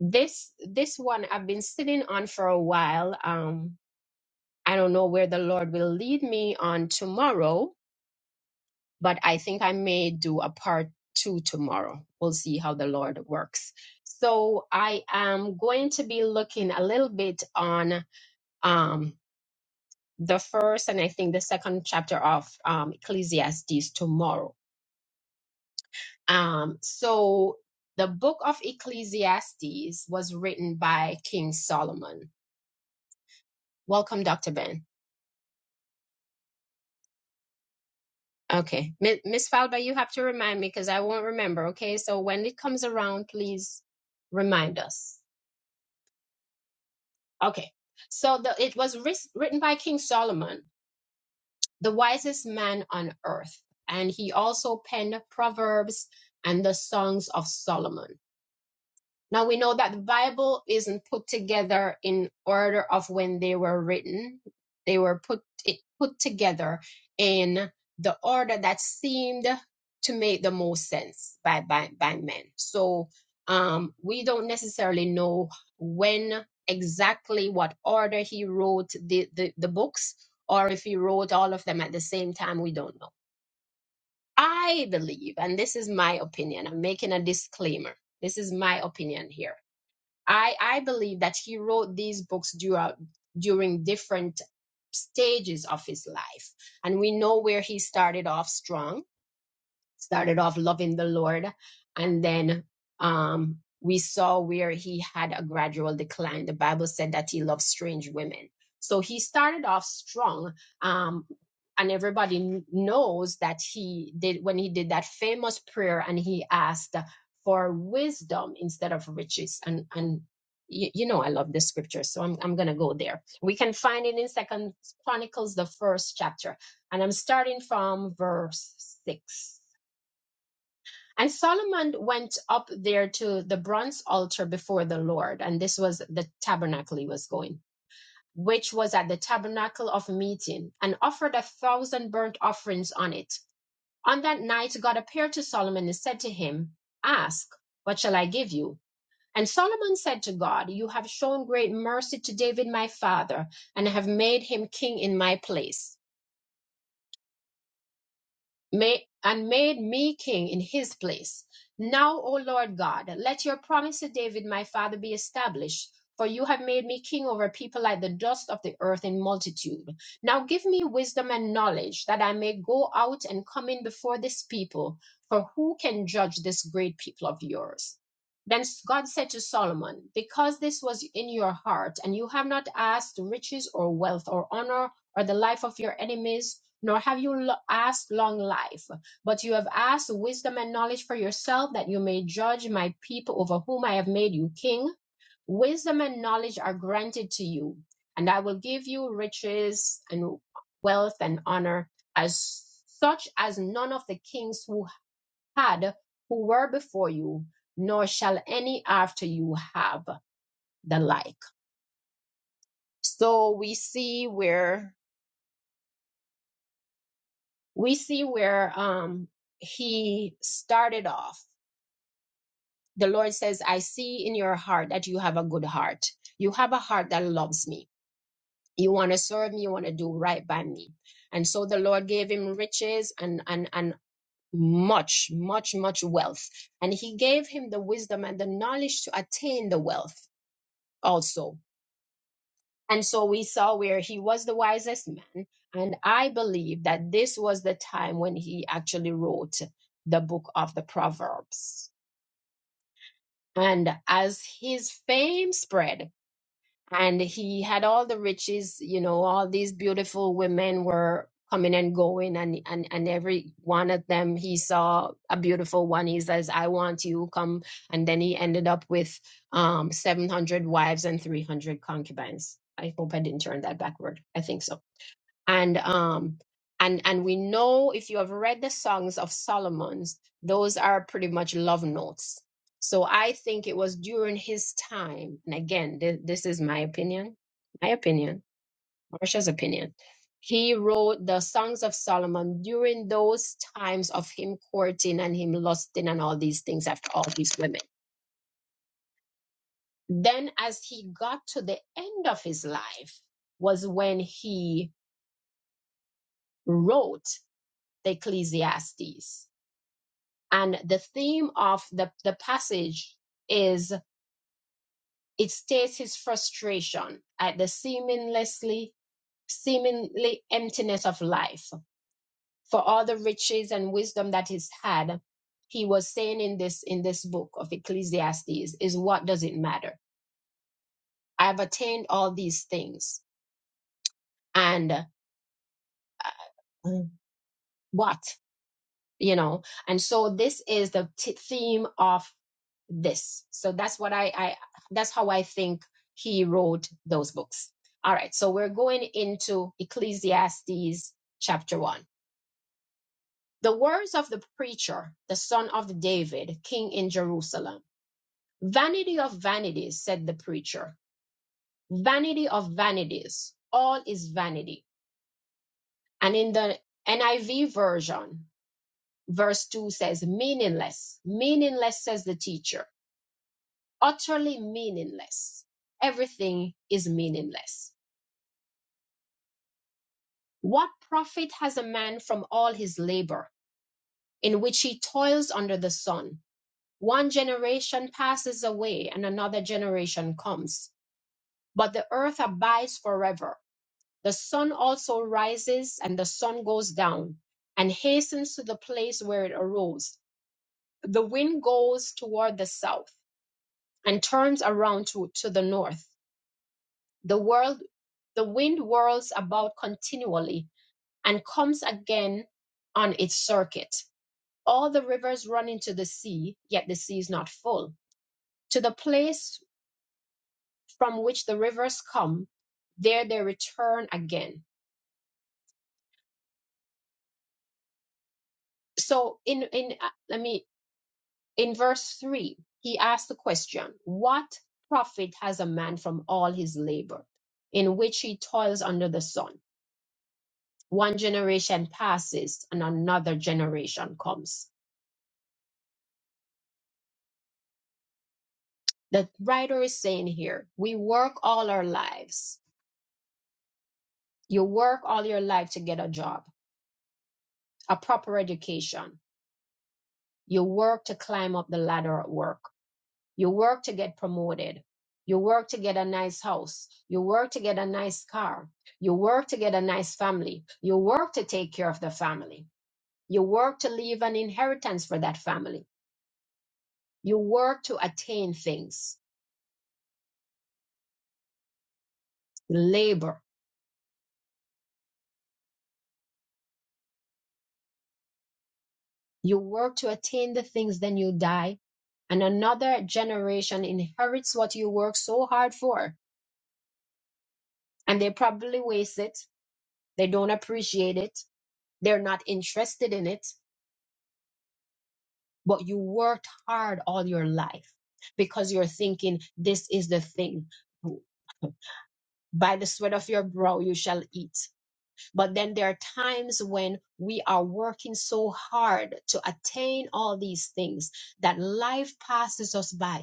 Speaker 1: this this one i've been sitting on for a while um i don't know where the lord will lead me on tomorrow but i think i may do a part two tomorrow we'll see how the lord works so i am going to be looking a little bit on um, the first and I think the second chapter of um, Ecclesiastes tomorrow. Um, so the book of Ecclesiastes was written by King Solomon. Welcome, Dr. Ben. Okay. Mi- Miss Falba, you have to remind me because I won't remember. Okay. So when it comes around, please remind us. Okay. So the, it was wris- written by King Solomon, the wisest man on earth. And he also penned Proverbs and the Songs of Solomon. Now we know that the Bible isn't put together in order of when they were written. They were put it put together in the order that seemed to make the most sense by by, by men. So um, we don't necessarily know when exactly what order he wrote the, the, the books or if he wrote all of them at the same time. We don't know. I believe, and this is my opinion. I'm making a disclaimer. This is my opinion here I I believe that he wrote these books throughout during different stages of his life, and we know where he started off strong started off loving the Lord, and then um, we saw where he had a gradual decline. The Bible said that he loved strange women, so he started off strong. Um, and everybody kn- knows that he did when he did that famous prayer, and he asked for wisdom instead of riches. And and you, you know I love the scripture, so I'm I'm gonna go there. We can find it in Second Chronicles, the first chapter, and I'm starting from verse six and Solomon went up there to the bronze altar before the Lord, and this was the tabernacle he was going, which was at the tabernacle of meeting, and offered a thousand burnt offerings on it. On that night, God appeared to Solomon and said to him, Ask, what shall I give you? And Solomon said to God, You have shown great mercy to David my father, and have made him king in my place May, and made me king in his place. Now, O Lord God, let your promise to David my father be established, for you have made me king over people like the dust of the earth in multitude. Now give me wisdom and knowledge, that I may go out and come in before this people, for who can judge this great people of yours? Then God said to Solomon, Because this was in your heart, and you have not asked riches or wealth or honor or the life of your enemies, nor have you asked long life, but you have asked wisdom and knowledge for yourself, that you may judge my people over whom I have made you king. Wisdom and knowledge are granted to you, and I will give you riches and wealth and honor, as such as none of the kings who had, who were before you, nor shall any after you have the like. So we see where we see where um he started off the Lord says, I see in your heart that you have a good heart. You have a heart that loves me. You want to serve me. You want to do right by me. And so the Lord gave him riches and, and, and much, much, much wealth. And he gave him the wisdom and the knowledge to attain the wealth also. And so we saw where he was the wisest man. And I believe that this was the time when he actually wrote the book of the Proverbs. And as his fame spread, and he had all the riches you know all these beautiful women were coming and going and and, and every one of them he saw a beautiful one he says i want you come and then he ended up with um 700 wives and 300 concubines i hope i didn't turn that backward i think so and um and and we know if you have read the songs of solomon's those are pretty much love notes so i think it was during his time and again th- this is my opinion my opinion marsha's opinion he wrote the songs of solomon during those times of him courting and him lusting and all these things after all these women then as he got to the end of his life was when he wrote the ecclesiastes And the theme of the, the passage is it states his frustration at the seamlessly, seemingly emptiness of life. For all the riches and wisdom that he's had, he was saying in this in this book of Ecclesiastes is what does it matter? I've attained all these things. And Mm. what? you know and so this is the t- theme of this so that's what I, I that's how i think he wrote those books all right so we're going into ecclesiastes chapter 1 the words of the preacher the son of david king in jerusalem vanity of vanities said the preacher vanity of vanities all is vanity and in the niv version verse 2 says meaningless meaningless says the teacher utterly meaningless. Everything is meaningless. What profit has a man from all his labor in which he toils under the sun? One generation passes away and another generation comes, but the earth abides forever. The sun also rises and the sun goes down and hastens to the place where it arose. The wind goes toward the south and turns around to, to the north. The world the wind whirls about continually and comes again on its circuit. All the rivers run into the sea, yet the sea is not full. To the place from which the rivers come, there they return again. So in in uh, let me in verse 3, he asked the question, what profit has a man from all his labor in which he toils under the sun? One generation passes and another generation comes the writer is saying here we work all our lives you work all your life to get a job a proper education you work to climb up the ladder at work you work to get promoted you work to get a nice house you work to get a nice car you work to get a nice family you work to take care of the family you work to leave an inheritance for that family you work to attain things labor You work to attain the things, then you die. And another generation inherits what you work so hard for. And they probably waste it. They don't appreciate it. They're not interested in it. But you worked hard all your life because you're thinking, this is the thing. By the sweat of your brow, you shall eat. But then there are times when we are working so hard to attain all these things that life passes us by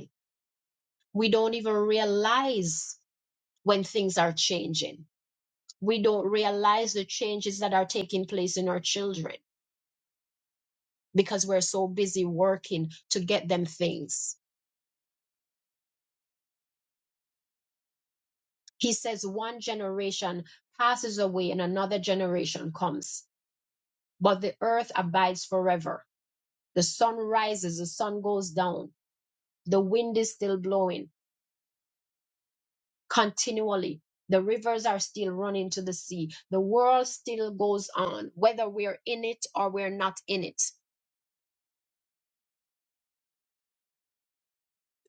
Speaker 1: we don't even realize when things are changing. We don't realize the changes that are taking place in our children because we're so busy working to get them things. He says one generation passes away and another generation comes, but the earth abides forever. The sun rises, the sun goes down, the wind is still blowing continually. The rivers are still running to the sea. The world still goes on, whether we're in it or we're not in it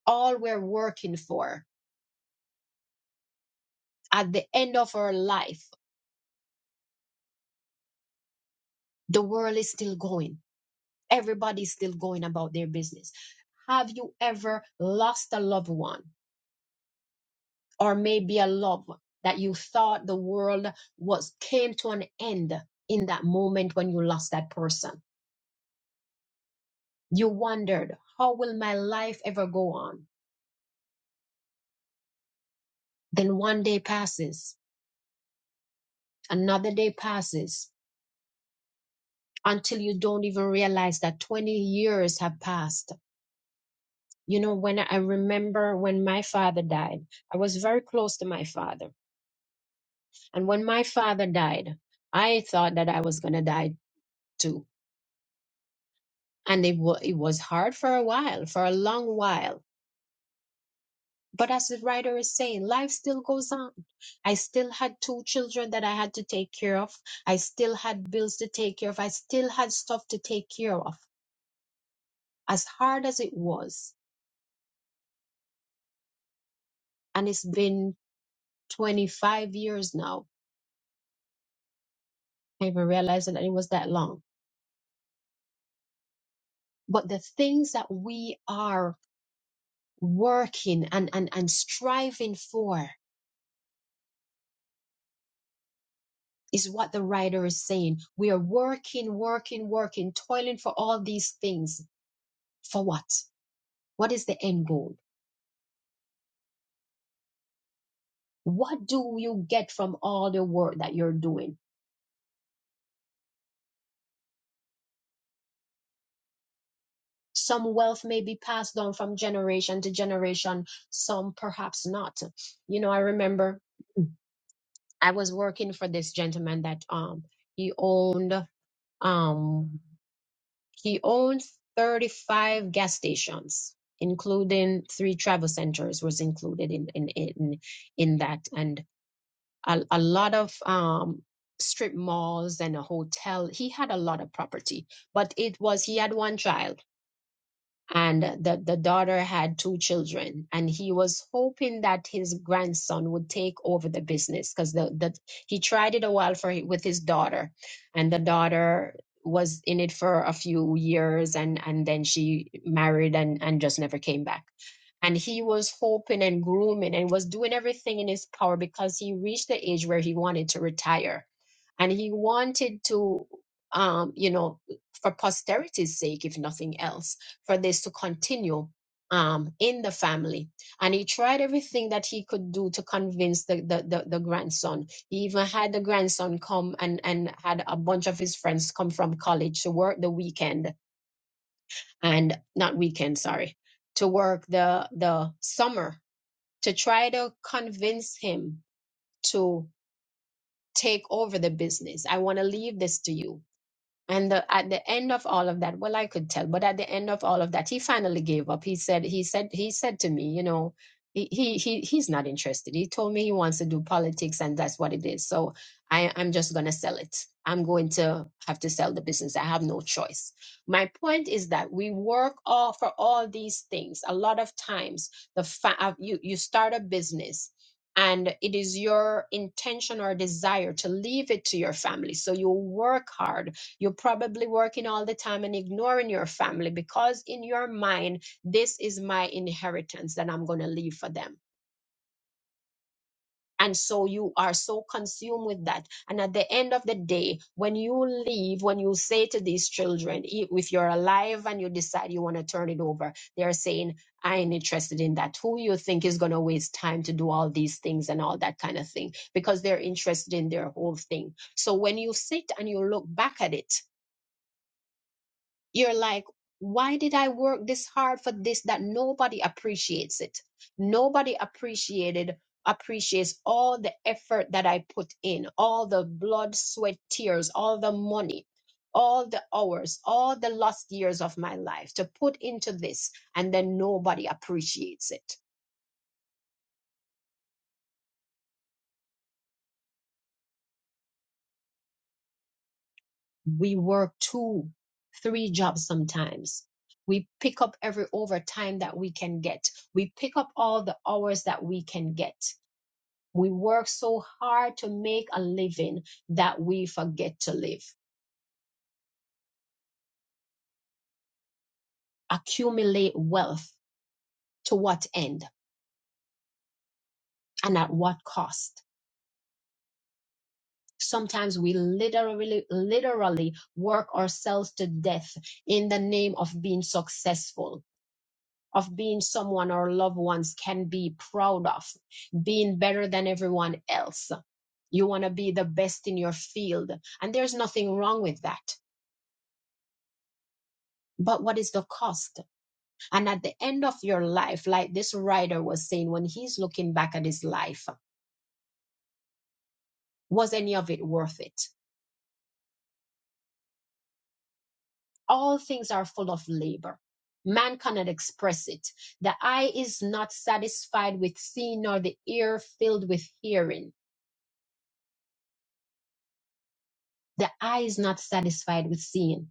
Speaker 1: all we're working for at the end of our life, the world is still going. Everybody's still going about their business. Have you ever lost a loved one or maybe a love that you thought the world was came to an end in that moment when you lost that person? You wondered, how will my life ever go on? Then one day passes, another day passes until you don't even realize that 20 years have passed You know, when I I remember when my father died, I was very close to my father. And when my father died, I thought that I was going to die too. And it, wa it was hard for a while, for a long while. But as the writer is saying, life still goes on. I still had two children that I had to take care of. I still had bills to take care of. I still had stuff to take care of, as hard as it was. And it's been 25 years now. I even realized that it was that long but the things that we are working and, and, and striving for is what the writer is saying. We are working, working, working, toiling for all these things. For what? What is the end goal? What do you get from all the work that you're doing? Some wealth may be passed on from generation to generation, some perhaps not. You know, I remember I was working for this gentleman that um he owned um He owns 35 gas stations, including three travel centers was included in in in, in that and a, a lot of um strip malls and a hotel. He had a lot of property, but it was he had one child and the, the daughter had two children and he was hoping that his grandson would take over the business because the, the he tried it a while for with his daughter and the daughter was in it for a few years and and then she married and and just never came back and he was hoping and grooming and was doing everything in his power because he reached the age where he wanted to retire and he wanted to um you know for posterity's sake if nothing else for this to continue um in the family and he tried everything that he could do to convince the the the, the grandson he even had the grandson come and and had a bunch of his friends come from college to work the weekend and not weekend sorry to work the the summer to try to convince him to take over the business i want to leave this to you and the, at the end of all of that well i could tell but at the end of all of that he finally gave up he said he said he said to me you know he he, he he's not interested he told me he wants to do politics and that's what it is so i i'm just going to sell it i'm going to have to sell the business i have no choice my point is that we work all for all these things a lot of times the fa- uh, you you start a business and it is your intention or desire to leave it to your family so you work hard you're probably working all the time and ignoring your family because in your mind, this is my inheritance that I'm going to leave for them. And so you are so consumed with that. And at the end of the day, when you leave, when you say to these children, i- if you're alive and you decide you want to turn it over, they're saying, I ain't interested in that. Who you think is going to waste time to do all these things and all that kind of thing? Because they're interested in their whole thing. So when you sit and you look back at it, you're like, why did I work this hard for this that nobody appreciates it? Nobody appreciated appreciates all the effort that I put in, all the blood, sweat, tears, all the money, all the hours, all the lost years of my life to put into this, and then nobody appreciates it. We work two, three jobs sometimes. We pick up every overtime that we can get. We pick up all the hours that we can get We work so hard to make a living that we forget to live, accumulate wealth to what end and at what cost. Sometimes we literally, literally work ourselves to death in the name of being successful, of being someone our loved ones can be proud of, being better than everyone else. You want to be the best in your field, and there's nothing wrong with that. But what is the cost? And at the end of your life, like this writer was saying, when he's looking back at his life, was any of it worth it? All things are full of labor. Man cannot express it. The eye is not satisfied with seeing, nor the ear filled with hearing. The eye is not satisfied with seeing.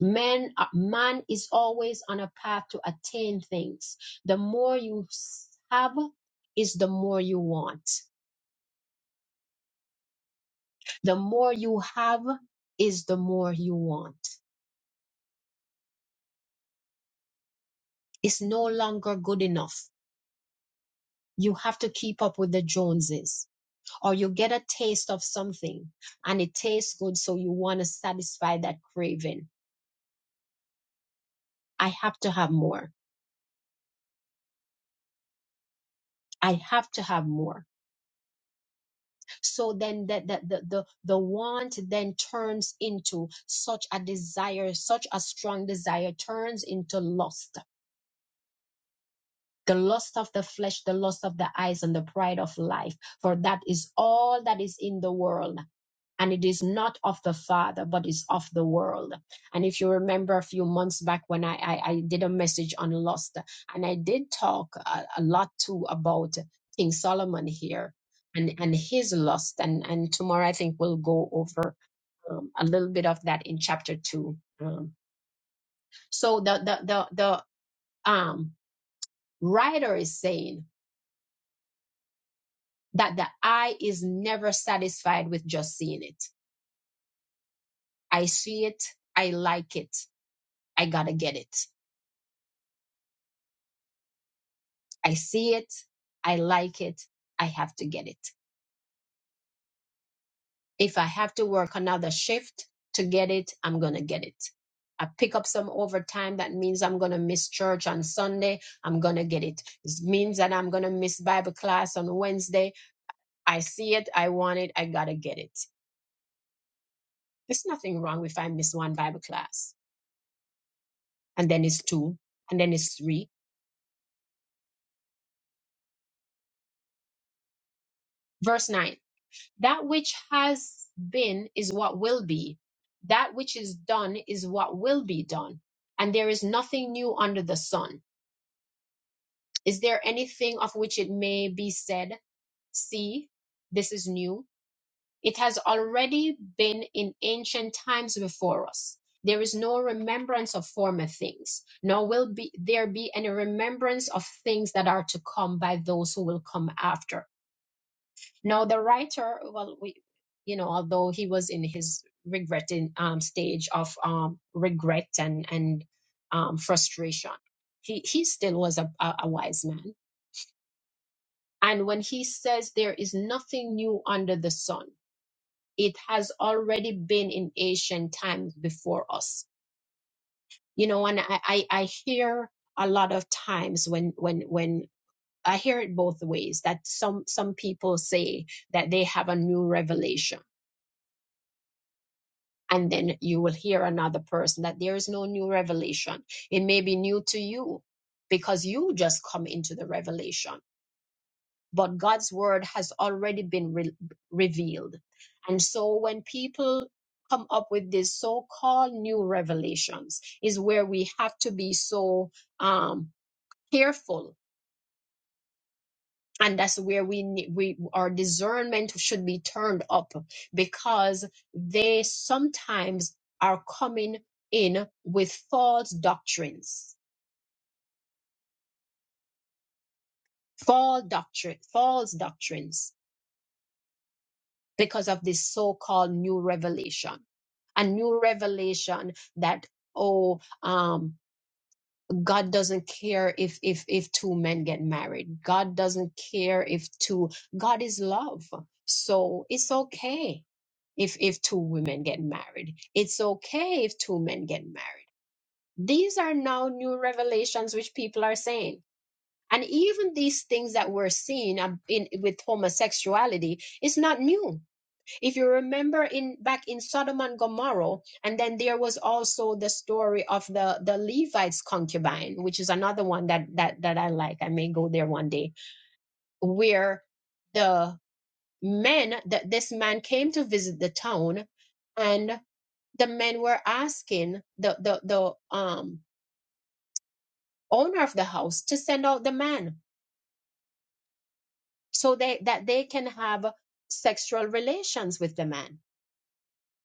Speaker 1: Man, uh, man is always on a path to attain things. The more you s- have is the more you want. The more you have is the more you want. It's no longer good enough. You have to keep up with the Joneses, or you get a taste of something and it tastes good, so you want to satisfy that craving. I have to have more. I have to have more. So then the, the, the, the, the want then turns into such a desire, such a strong desire turns into lust. The lust of the flesh, the lust of the eyes, and the pride of life. For that is all that is in the world and it is not of the Father, but is of the world. And if you remember a few months back when I, I, I did a message on lust, and I did talk a, a lot too about King Solomon here and, and his lust. And, and tomorrow I think we'll go over um, a little bit of that in chapter two. Um, so the, the, the, the um, writer is saying that the eye is never satisfied with just seeing it. I see it, I like it, I gotta get it I see it, I like it, I have to get it. If I have to work another shift to get it, I'm going to get it. I pick up some overtime. That means I'm going to miss church on Sunday. I'm going to get it. It means that I'm going to miss Bible class on Wednesday. I see it. I want it. I got to get it. There's nothing wrong if I miss one Bible class and then it's two and then it's three. Verse nine. That which has been is what will be. That which is done is what will be done. And there is nothing new under the sun. Is there anything of which it may be said, See, this is new? It has already been in ancient times before us. There is no remembrance of former things, nor will be, there be any remembrance of things that are to come by those who will come after No, the writer, well, we, you know, although he was in his regretting um, stage of um, regret and and um, frustration, he he still was a, a, a wise man. And when he says there is nothing new under the sun, it has already been in ancient times before us. You know, and I I, I hear a lot of times when when when I hear it both ways that some some people say that they have a new revelation and then you will hear another person that there is no new revelation. It may be new to you because you just come into the revelation, but God's word has already been re- revealed. And so when people come up with these so-called new revelations is where we have to be so um, careful and that's where we ne- we our discernment should be turned up because they sometimes are coming in with false doctrines false doctrine false doctrines because of this so-called new revelation a new revelation that oh um. God doesn't care if if if two men get married. God doesn't care if two God is love. So it's okay if if two women get married. It's okay if two men get married. These are now new revelations which people are saying. And even these things that we're seeing um, in, with homosexuality is not new if you remember in back in Sodom and Gomorrah, and then there was also the story of the the Levite's concubine, which is another one that that that I like. I may go there one day, where the men that this man came to visit the town, and the men were asking the the the um owner of the house to send out the man so they that they can have sexual relations with the man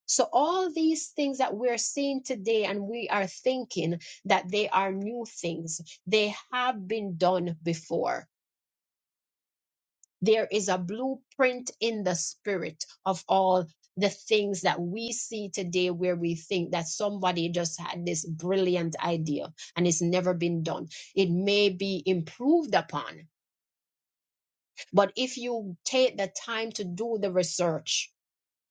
Speaker 1: So, all these things that we're seeing today and we are thinking that they are new things, they have been done before. There is a blueprint in the spirit of all the things that we see today where we think that somebody just had this brilliant idea and it's never been done. It may be improved upon, but if you take the time to do the research,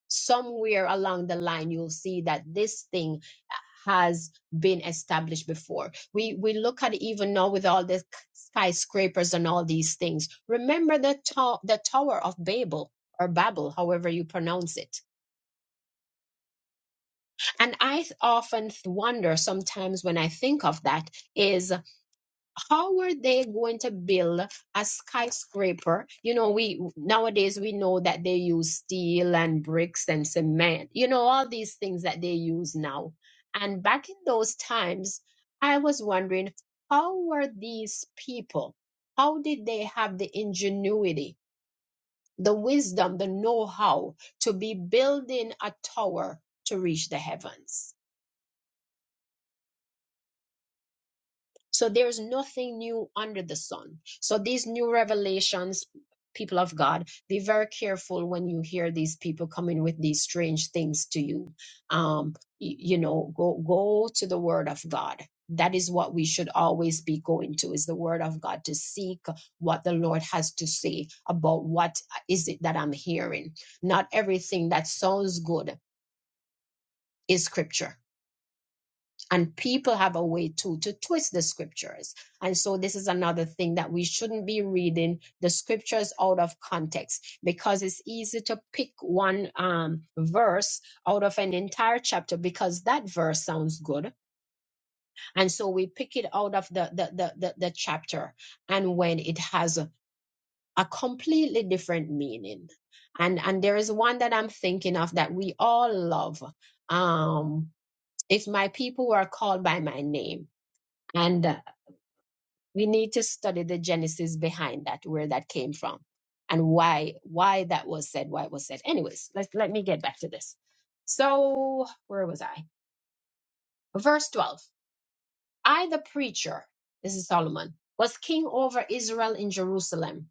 Speaker 1: somewhere along the line you'll see that this thing uh, has been established before we we look at even now with all the skyscrapers and all these things remember the to- the tower of babel or babel however you pronounce it and i th- often th- wonder sometimes when i think of that is how are they going to build a skyscraper you know we nowadays we know that they use steel and bricks and cement you know all these things that they use now and back in those times i was wondering how were these people how did they have the ingenuity the wisdom the know-how to be building a tower to reach the heavens So there's nothing new under the sun. So these new revelations, people of God, be very careful when you hear these people coming with these strange things to you. Um, y- you know, go go to the Word of God. That is what we should always be going to is the word of God to seek what the Lord has to say about what is it that I'm hearing. Not everything that sounds good is scripture and people have a way too to twist the scriptures and so this is another thing that we shouldn't be reading the scriptures out of context because it's easy to pick one um, verse out of an entire chapter because that verse sounds good and so we pick it out of the the the, the, the chapter and when it has a, a completely different meaning and and there is one that i'm thinking of that we all love um if my people were called by my name and uh, we need to study the genesis behind that, where that came from, and why why that was said, why it was said. Anyways, let, let me get back to this. So where was I? Verse 12. I the preacher, this is Solomon, was king over Israel in Jerusalem.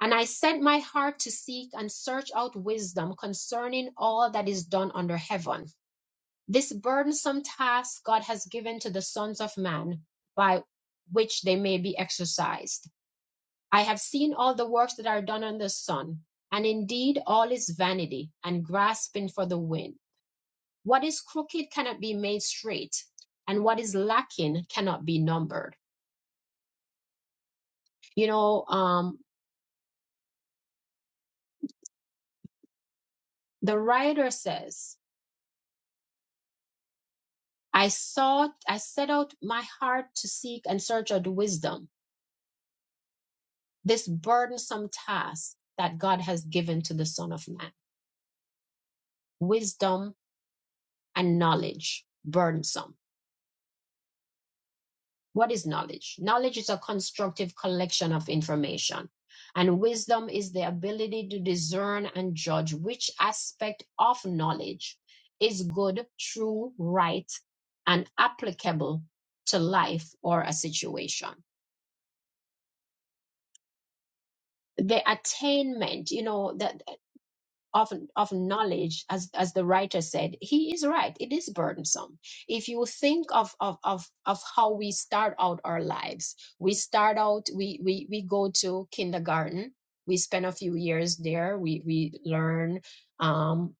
Speaker 1: And I set my heart to seek and search out wisdom concerning all that is done under heaven. This burdensome task God has given to the sons of man by which they may be exercised I have seen all the works that are done on the sun, and indeed all is vanity and grasping for the wind. What is crooked cannot be made straight, and what is lacking cannot be numbered. You know, um, the writer says, I sought, I set out my heart to seek and search out wisdom, this burdensome task that God has given to the Son of Man. Wisdom and knowledge, burdensome What is knowledge? Knowledge is a constructive collection of information, and wisdom is the ability to discern and judge which aspect of knowledge is good, true, right, and applicable to life or a situation. The attainment, you know, that. of, of knowledge, as, as the writer said, he is right. It is burdensome. If you think of, of, of, of how we start out our lives, we start out, we, we, we go to kindergarten, we spend a few years there, we, we learn um,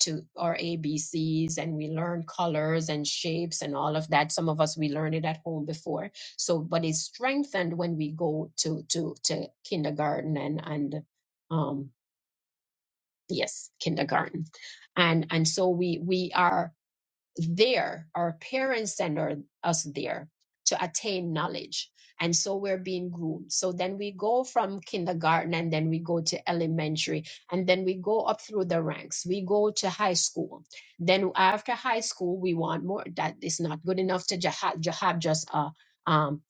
Speaker 1: to our ABCs and we learn colors and shapes and all of that. Some of us, we learned it at home before. So, but it's strengthened when we go to, to, to kindergarten and, and, um yes kindergarten and and so we we are there our parents send our, us there to attain knowledge and so we're being groomed so then we go from kindergarten and then we go to elementary and then we go up through the ranks we go to high school then after high school we want more that is not good enough to just have, to have just a um,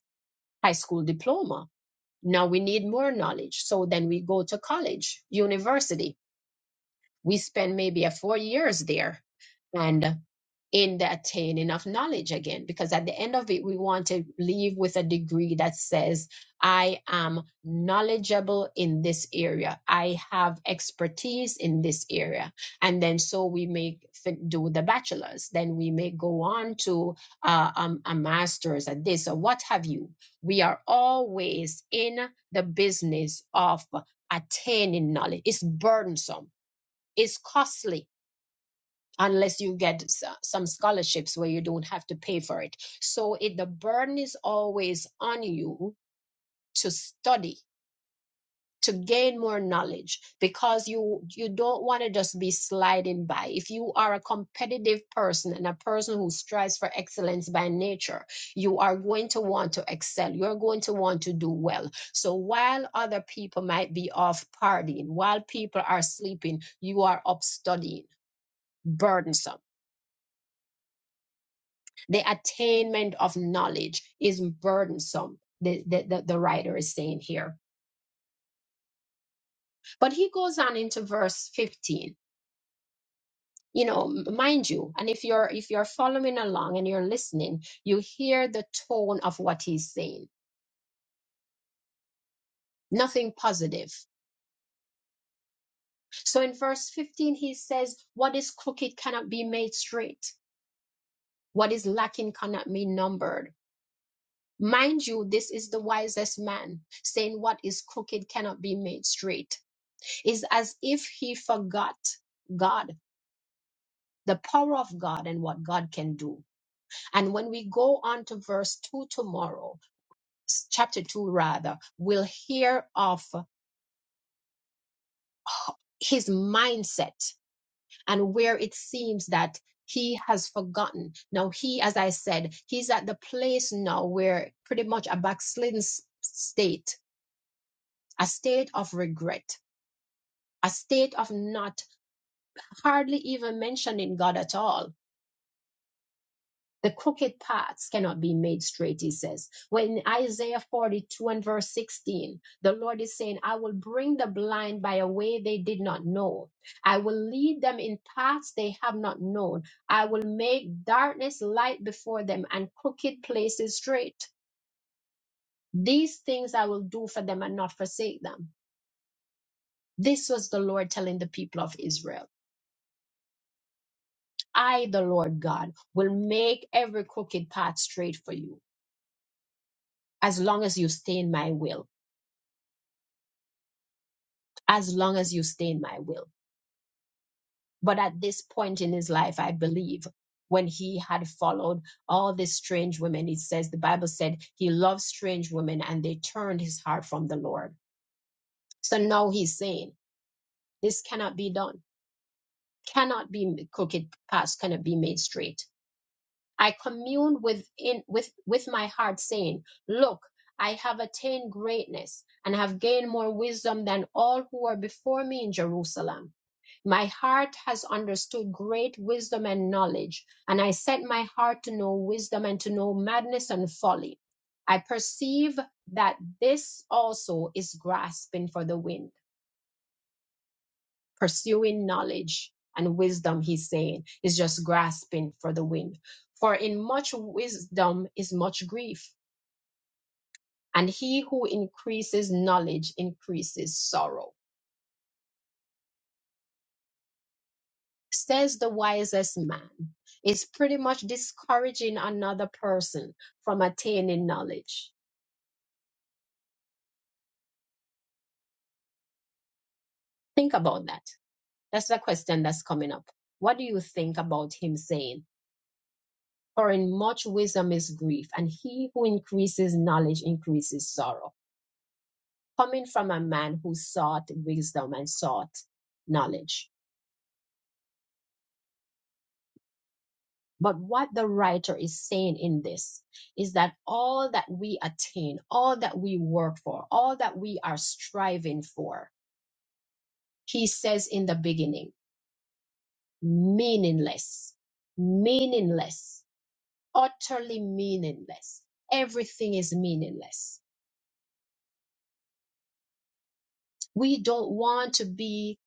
Speaker 1: high school diploma now we need more knowledge so then we go to college university we spend maybe a four years there and in the attaining of knowledge again because at the end of it we want to leave with a degree that says i am knowledgeable in this area i have expertise in this area and then so we may fi- do the bachelor's then we may go on to uh, um, a master's at this or what have you we are always in the business of attaining knowledge it's burdensome is costly unless you get s- some scholarships where you don't have to pay for it. So it, the burden is always on you to study, to gain more knowledge because you you don't want to just be sliding by. If you are a competitive person and a person who strives for excellence by nature, you are going to want to excel. You're going to want to do well. So while other people might be off partying, while people are sleeping, you are up studying burdensome The attainment of knowledge is burdensome, the, the, the, the writer is saying here. But he goes on into verse 15. You know, m- mind you, and if you're if you're following along and you're listening, you hear the tone of what he's saying. Nothing positive. So in verse 15, he says, What is crooked cannot be made straight. What is lacking cannot be numbered. Mind you, this is the wisest man saying what is crooked cannot be made straight It's as if he forgot God, the power of God, and what God can do. And when we go on to verse 2 tomorrow, s- chapter 2 rather, we'll hear of his mindset and where it seems that he has forgotten. Now, he, as I said, he's at the place now where pretty much a backslidden s- state, a state of regret, a state of not hardly even mentioning God at all The crooked paths cannot be made straight, he says. When Isaiah 42 and verse 16, the Lord is saying, I will bring the blind by a way they did not know. I will lead them in paths they have not known. I will make darkness light before them and crooked places straight. These things I will do for them and not forsake them. This was the Lord telling the people of Israel. I, the Lord God, will make every crooked path straight for you as long as you stay in my will. as long as you stay in my will. But at this point in his life, I believe when he had followed all these strange women, it says the Bible said he loved strange women and they turned his heart from the Lord. So now he's saying, This cannot be done, cannot be crooked paths, cannot be made straight. I commune within with with my heart, saying, Look, I have attained greatness and have gained more wisdom than all who are before me in Jerusalem. My heart has understood great wisdom and knowledge, and I set my heart to know wisdom and to know madness and folly. I perceive that this also is grasping for the wind, pursuing knowledge and wisdom, he's saying, is just grasping for the wind. For in much wisdom is much grief, and he who increases knowledge increases sorrow. says the wisest man, is pretty much discouraging another person from attaining knowledge. Think about that. That's the question that's coming up. What do you think about him saying, For in much wisdom is grief, and he who increases knowledge increases sorrow? Coming from a man who sought wisdom and sought knowledge. But what the writer is saying in this is that all that we attain, all that we work for, all that we are striving for, He says in the beginning, meaningless, meaningless, utterly meaningless. Everything is meaningless. We don't want to be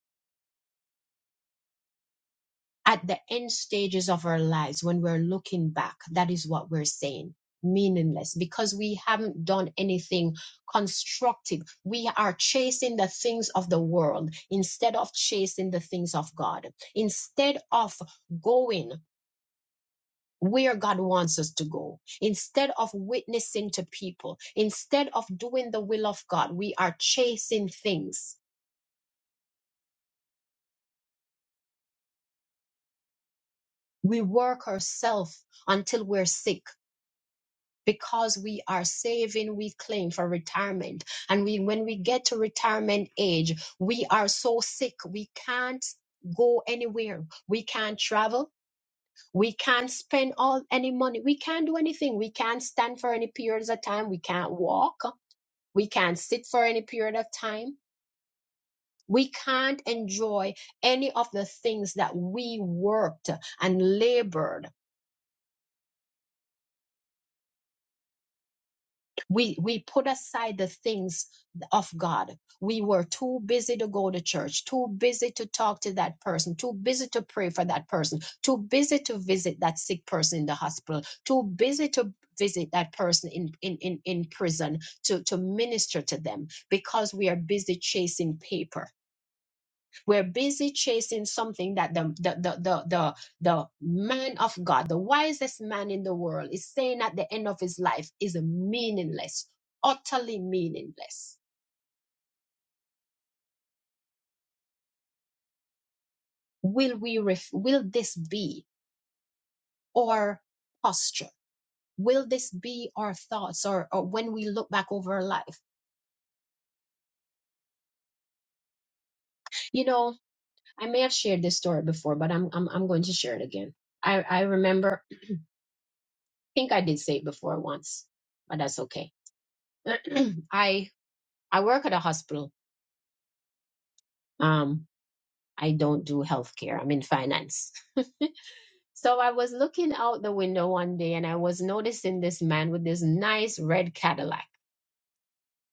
Speaker 1: at the end stages of our lives when we're looking back. That is what we're saying. Meaningless because we haven't done anything constructive. We are chasing the things of the world instead of chasing the things of God. Instead of going where God wants us to go. Instead of witnessing to people, instead of doing the will of God, we are chasing things. We work ourselves until we're sick because we are saving, we claim for retirement. And we, when we get to retirement age, we are so sick, we can't go anywhere. We can't travel. We can't spend all any money. We can't do anything. We can't stand for any periods of time. We can't walk We can't sit for any period of time. We can't enjoy any of the things that we worked and labored. We, we put aside the things of God. We were too busy to go to church, too busy to talk to that person, too busy to pray for that person, too busy to visit that sick person in the hospital, too busy to visit that person in, in, in, in prison to, to minister to them because we are busy chasing paper We're busy chasing something that the, the, the, the, the, the man of God, the wisest man in the world, is saying at the end of his life is meaningless, utterly meaningless. Will we, ref- will this be our posture? Will this be our thoughts or, or when we look back over our life? You know, I may have shared this story before, but I'm, I'm, I'm going to share it again. I, I remember, I think I did say it before once, but that's okay. I, I work at a hospital Um, I don't do healthcare. I'm in finance. So I was looking out the window one day and I was noticing this man with this nice red Cadillac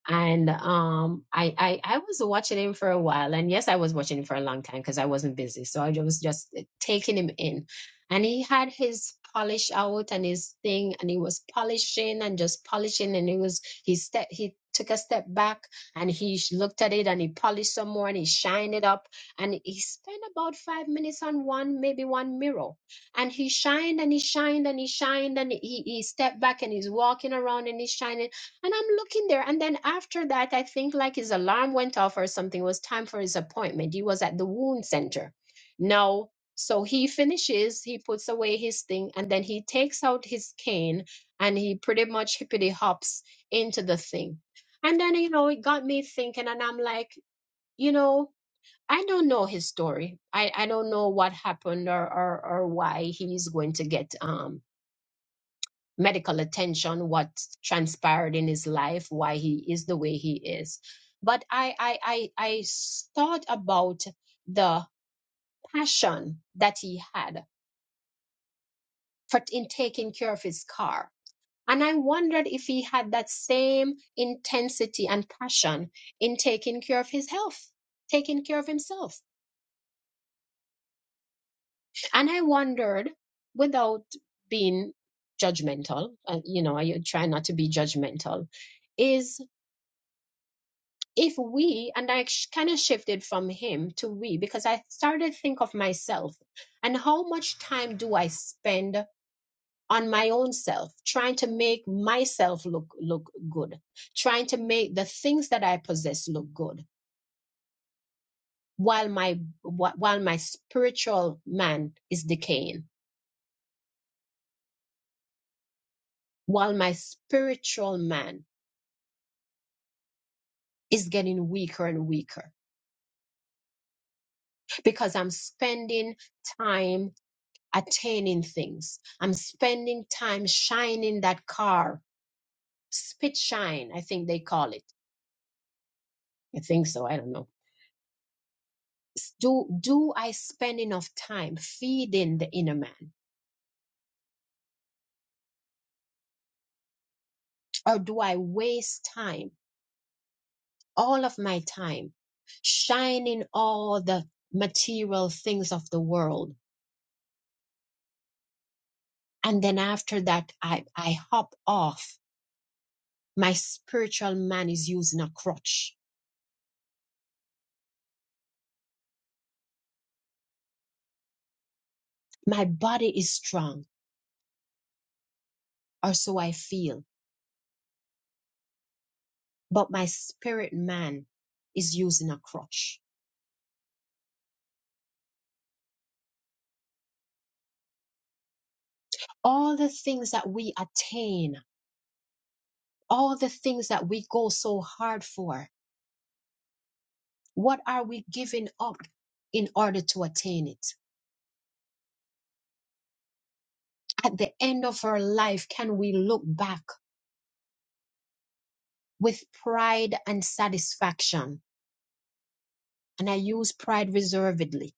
Speaker 1: and um I, I i was watching him for a while and yes i was watching him for a long time because i wasn't busy so i was just eh, taking him in and he had his polish out and his thing and he was polishing and just polishing and he was he step he took a step back and he sh- looked at it and he polished some more and he shined it up and he spent about five minutes on one maybe one mirror and he shined and he shined and he shined and he, he stepped back and he's walking around and he's shining and I'm looking there. And then after that, I think like his alarm went off or something. It was time for his appointment. He was at the wound center. Now, so he finishes, he puts away his thing, and then he takes out his cane and he pretty much hippity hops into the thing. And then, you know, it got me thinking, and I'm like, you know, I don't know his story. I, I don't know what happened or, or or why he's going to get um medical attention, what transpired in his life, why he is the way he is. But I, I, I I thought about the passion that he had for in taking care of his car. And I wondered if he had that same intensity and passion in taking care of his health, taking care of himself. And I wondered, without being judgmental, uh, you know, I try not to be judgmental, is. if we and i kind of shifted from him to we because i started to think of myself and how much time do i spend on my own self trying to make myself look look good trying to make the things that i possess look good while my wh- while my spiritual man is decaying while my spiritual man is getting weaker and weaker because i'm spending time attaining things. I'm spending time shining that car, spit shine, I think they call it. I think so. I don't know. Do do I spend enough time feeding the inner man, or do I waste time, all of my time, shining all the material things of the world, and then after that I I hop off. My spiritual man is using a crutch. My body is strong, or so I feel but my spirit man is using a crutch. All the things that we attain, all the things that we go so hard for, what are we giving up in order to attain it? At the end of our life, can we look back with pride and satisfaction? And I use pride reservedly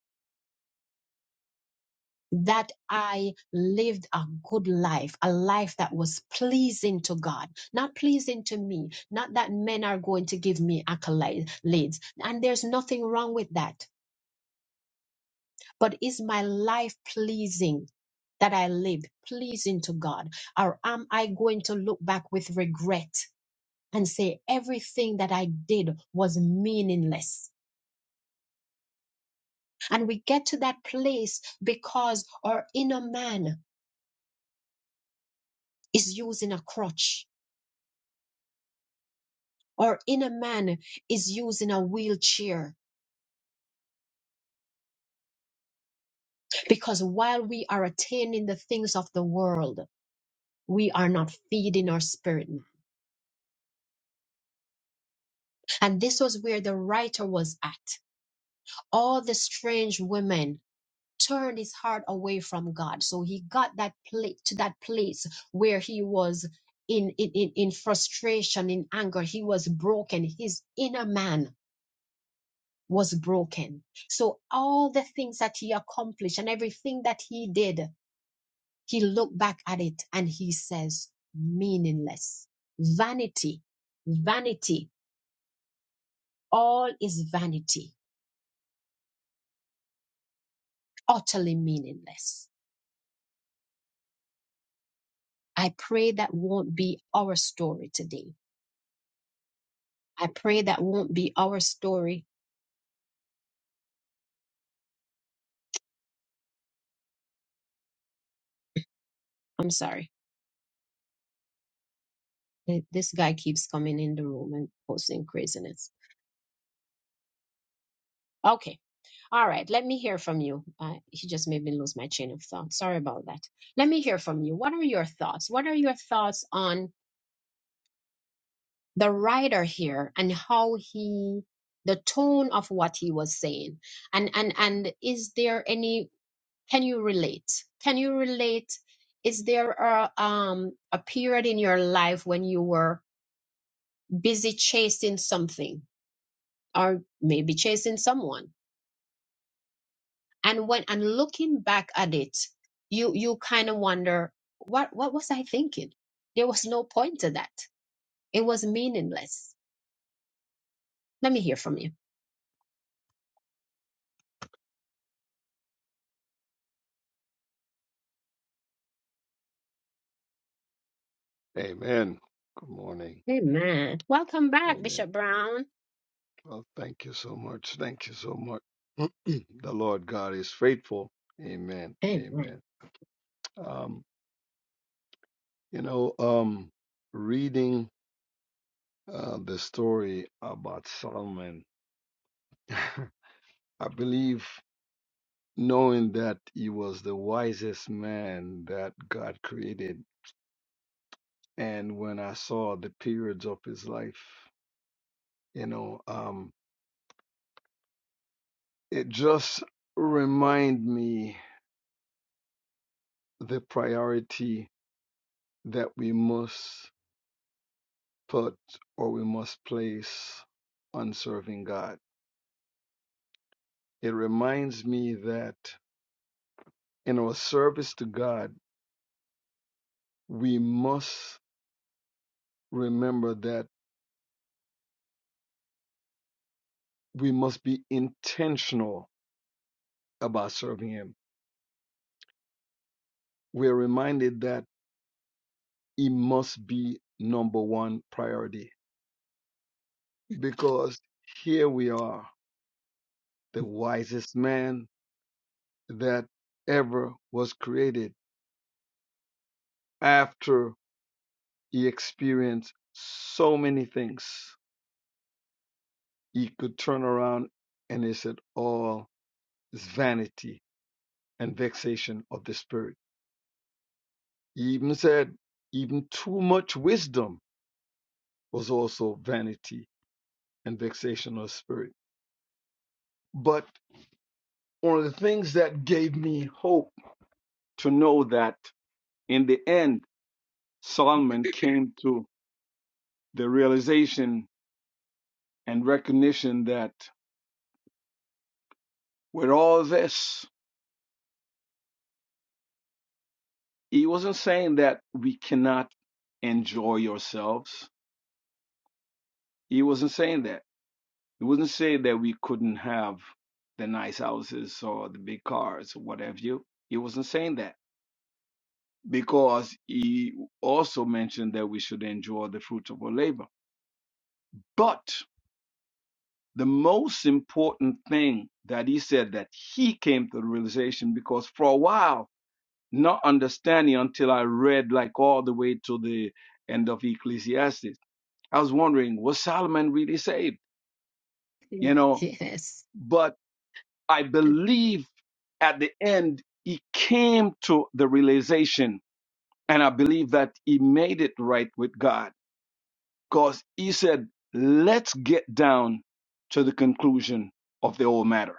Speaker 1: that I lived a good life, a life that was pleasing to God, not pleasing to me, not that men are going to give me accolades. And there's nothing wrong with that. But is my life pleasing? That I lived pleasing to God? Or am I going to look back with regret and say everything that I did was meaningless? And we get to that place because our inner man is using a crutch Our inner man is using a wheelchair because while we are attaining the things of the world, we are not feeding our spirit man. And this was where the writer was at. All the strange women turned his heart away from God. So he got that place to that place where he was in, in, in, in frustration, in anger. He was broken. His inner man was broken. So all the things that he accomplished and everything that he did He looked back at it and he says, meaningless. Vanity, vanity, all is vanity, utterly meaningless. I pray that won't be our story today. I pray that won't be our story. I'm sorry. Th- This guy keeps coming in the room and posting craziness. Okay. All right. Let me hear from you. Uh, he just made me lose my chain of thought. Sorry about that. Let me hear from you. What are your thoughts? What are your thoughts on? the writer here and how he the tone of what he was saying and and and is there any can you relate can you relate is there a um a period in your life when you were busy chasing something or maybe chasing someone and when and looking back at it you you kind of wonder what what was i thinking there was no point to that it was meaningless let me hear from you Amen. Welcome back, Bishop Brown. Amen.
Speaker 5: and when I saw the periods of his life, you know, um, it just remind me the priority that we must put or we must place on serving God. It reminds me that in our service to God, we must remember that we must be intentional about serving Him. We're reminded that He must be number one priority because here we are, the wisest man that ever was created. After he experienced so many things, he could turn around and he said, All is vanity and vexation of the spirit. He even said, Even too much wisdom was also vanity and vexation of the spirit. But one of the things that gave me hope to know that in the end, Solomon came to the realization and recognition that with all this, he wasn't saying that we cannot enjoy ourselves. He wasn't saying that. He wasn't saying that we couldn't have the nice houses or the big cars or whatever you. He wasn't saying that because he also mentioned that we should enjoy the fruits of our labor. But the most important thing that he said that he came to the realization because for a while not understanding until I read like all the way to the end of Ecclesiastes. I was wondering, was Solomon really saved? You know,
Speaker 1: Yes.
Speaker 5: but I believe at the end he came to the realization, and I believe that he made it right with God because he said, let's get down to the conclusion of the whole matter.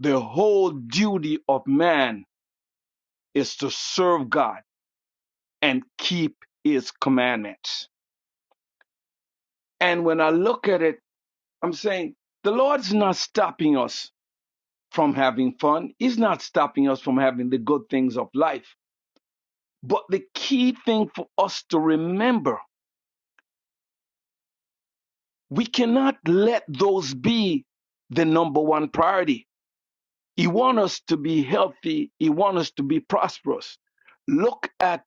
Speaker 5: The whole duty of man is to serve God and keep his commandments And when I look at it, I'm saying the Lord's not stopping us from having fun. He's not stopping us from having the good things of life. But the key thing for us to remember, we cannot let those be the number one priority. He wants us to be healthy. He wants us to be prosperous. Look at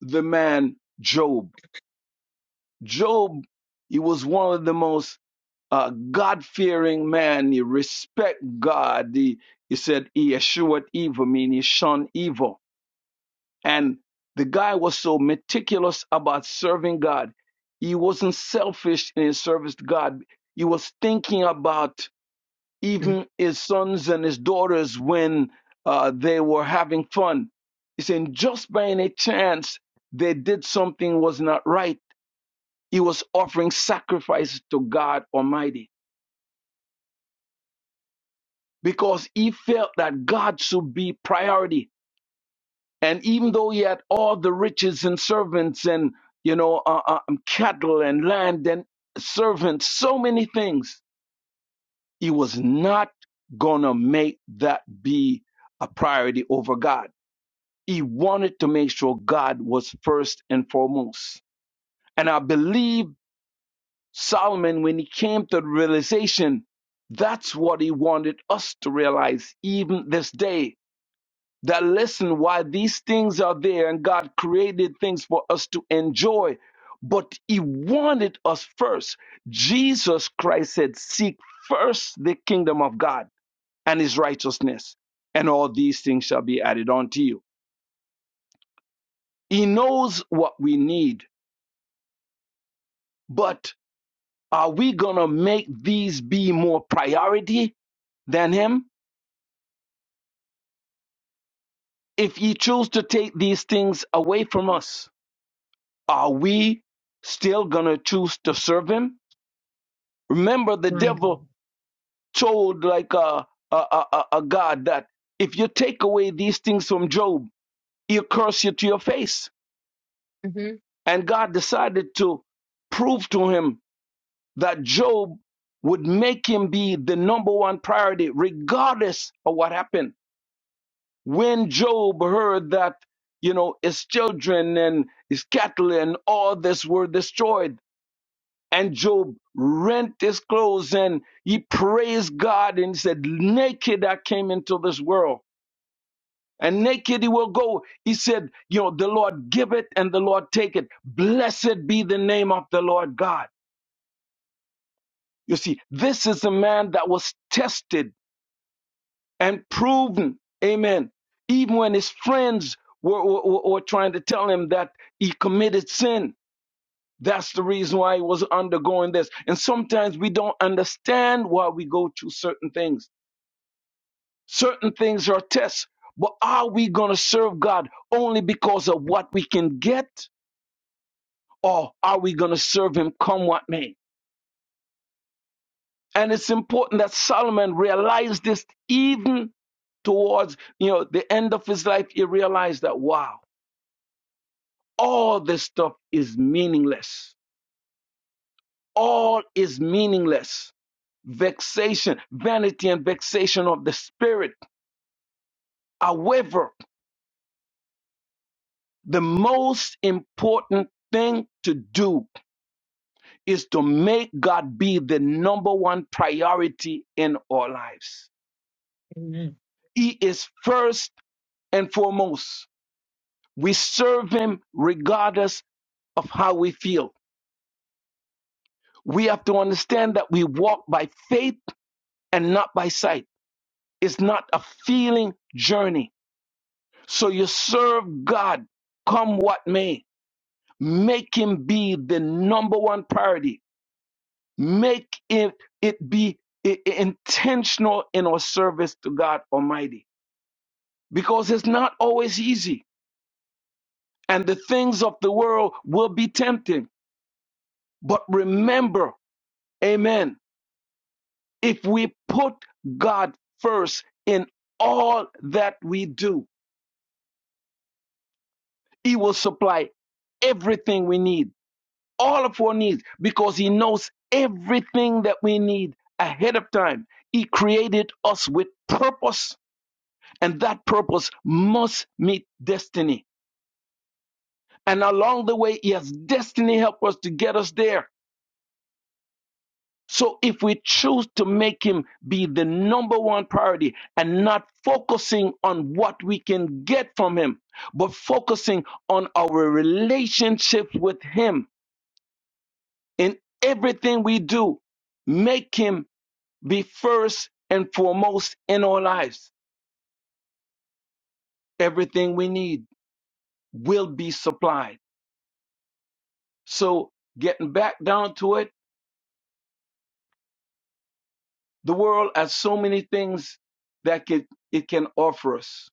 Speaker 5: the man Job. Job, he was one of the most a God-fearing man. He respect God. He, he said he eschewed evil, meaning he shunned evil. And the guy was so meticulous about serving God. He wasn't selfish in his service to God. He was thinking about
Speaker 1: Mm.
Speaker 5: even his sons and his daughters when uh, they were having fun. He said, just by any chance they did something was not right. He was offering sacrifices to God Almighty. because he felt that God should be priority. And even though he had all the riches and servants and you know uh, uh, um, cattle and land and servants, so many things, he was not gonna make that be a priority over God. He wanted to make sure God was first and foremost. And I believe Solomon, when he came to the realization, that's what he wanted us to realize even this day that listen why these things are there and God created things for us to enjoy but he wanted us first Jesus Christ said seek first the kingdom of God and his righteousness and all these things shall be added unto you he knows what we need but are we going to make these be more priority than him if he choose to take these things away from us are we still going to choose to serve him Remember, the
Speaker 1: My God.
Speaker 5: devil told like a, a, a, a God that if you take away these things from Job, he'll curse you to your face.
Speaker 1: hmm
Speaker 5: And God decided to prove to him that Job would make him be the number one priority, regardless of what happened. When Job heard that, you know, his children and his cattle and all this were destroyed, And Job rent his clothes and he praised God and he said, Naked I came into this world. And naked he will go. He said, You know, the Lord give it and the Lord take it. Blessed be the name of the Lord God. You see, this is a man that was tested and proven. Amen. Even when his friends were, were, were were trying to tell him that he committed sin, That's the reason why he was undergoing this. And sometimes we don't understand why we go through certain things. Certain things are tests. But are we going to serve God only because of what we can get? Or are we going to serve him come what may? And it's important that Solomon realized this even towards, you know, the end of his life. He realized that, wow, all this stuff is meaningless. All is meaningless vexation, vanity and vexation of the spirit. However, the most important thing to do is to make God be the number one priority in our lives.
Speaker 1: Amen.
Speaker 5: He is first and foremost. We serve Him regardless of how we feel. We have to understand that we walk by faith and not by sight. It's not a feeling journey. So you serve God come what may Make him be the number one priority. Make it, it be i- i- intentional in our service to God Almighty because it's not always easy. And the things of the world will be tempting. But remember, amen, if we put God first in all that we do, he will supply everything we need all of our needs because He knows everything that we need ahead of time. He created us with purpose, and that purpose must meet destiny. And along the way, He has destiny help us to get us there. So if we choose to make Him be the number one priority and not focusing on what we can get from Him, but focusing on our relationships with Him in everything we do, make Him be first and foremost in our lives. Everything we need will be supplied. So getting back down to it, the world has so many things that it, it can offer us.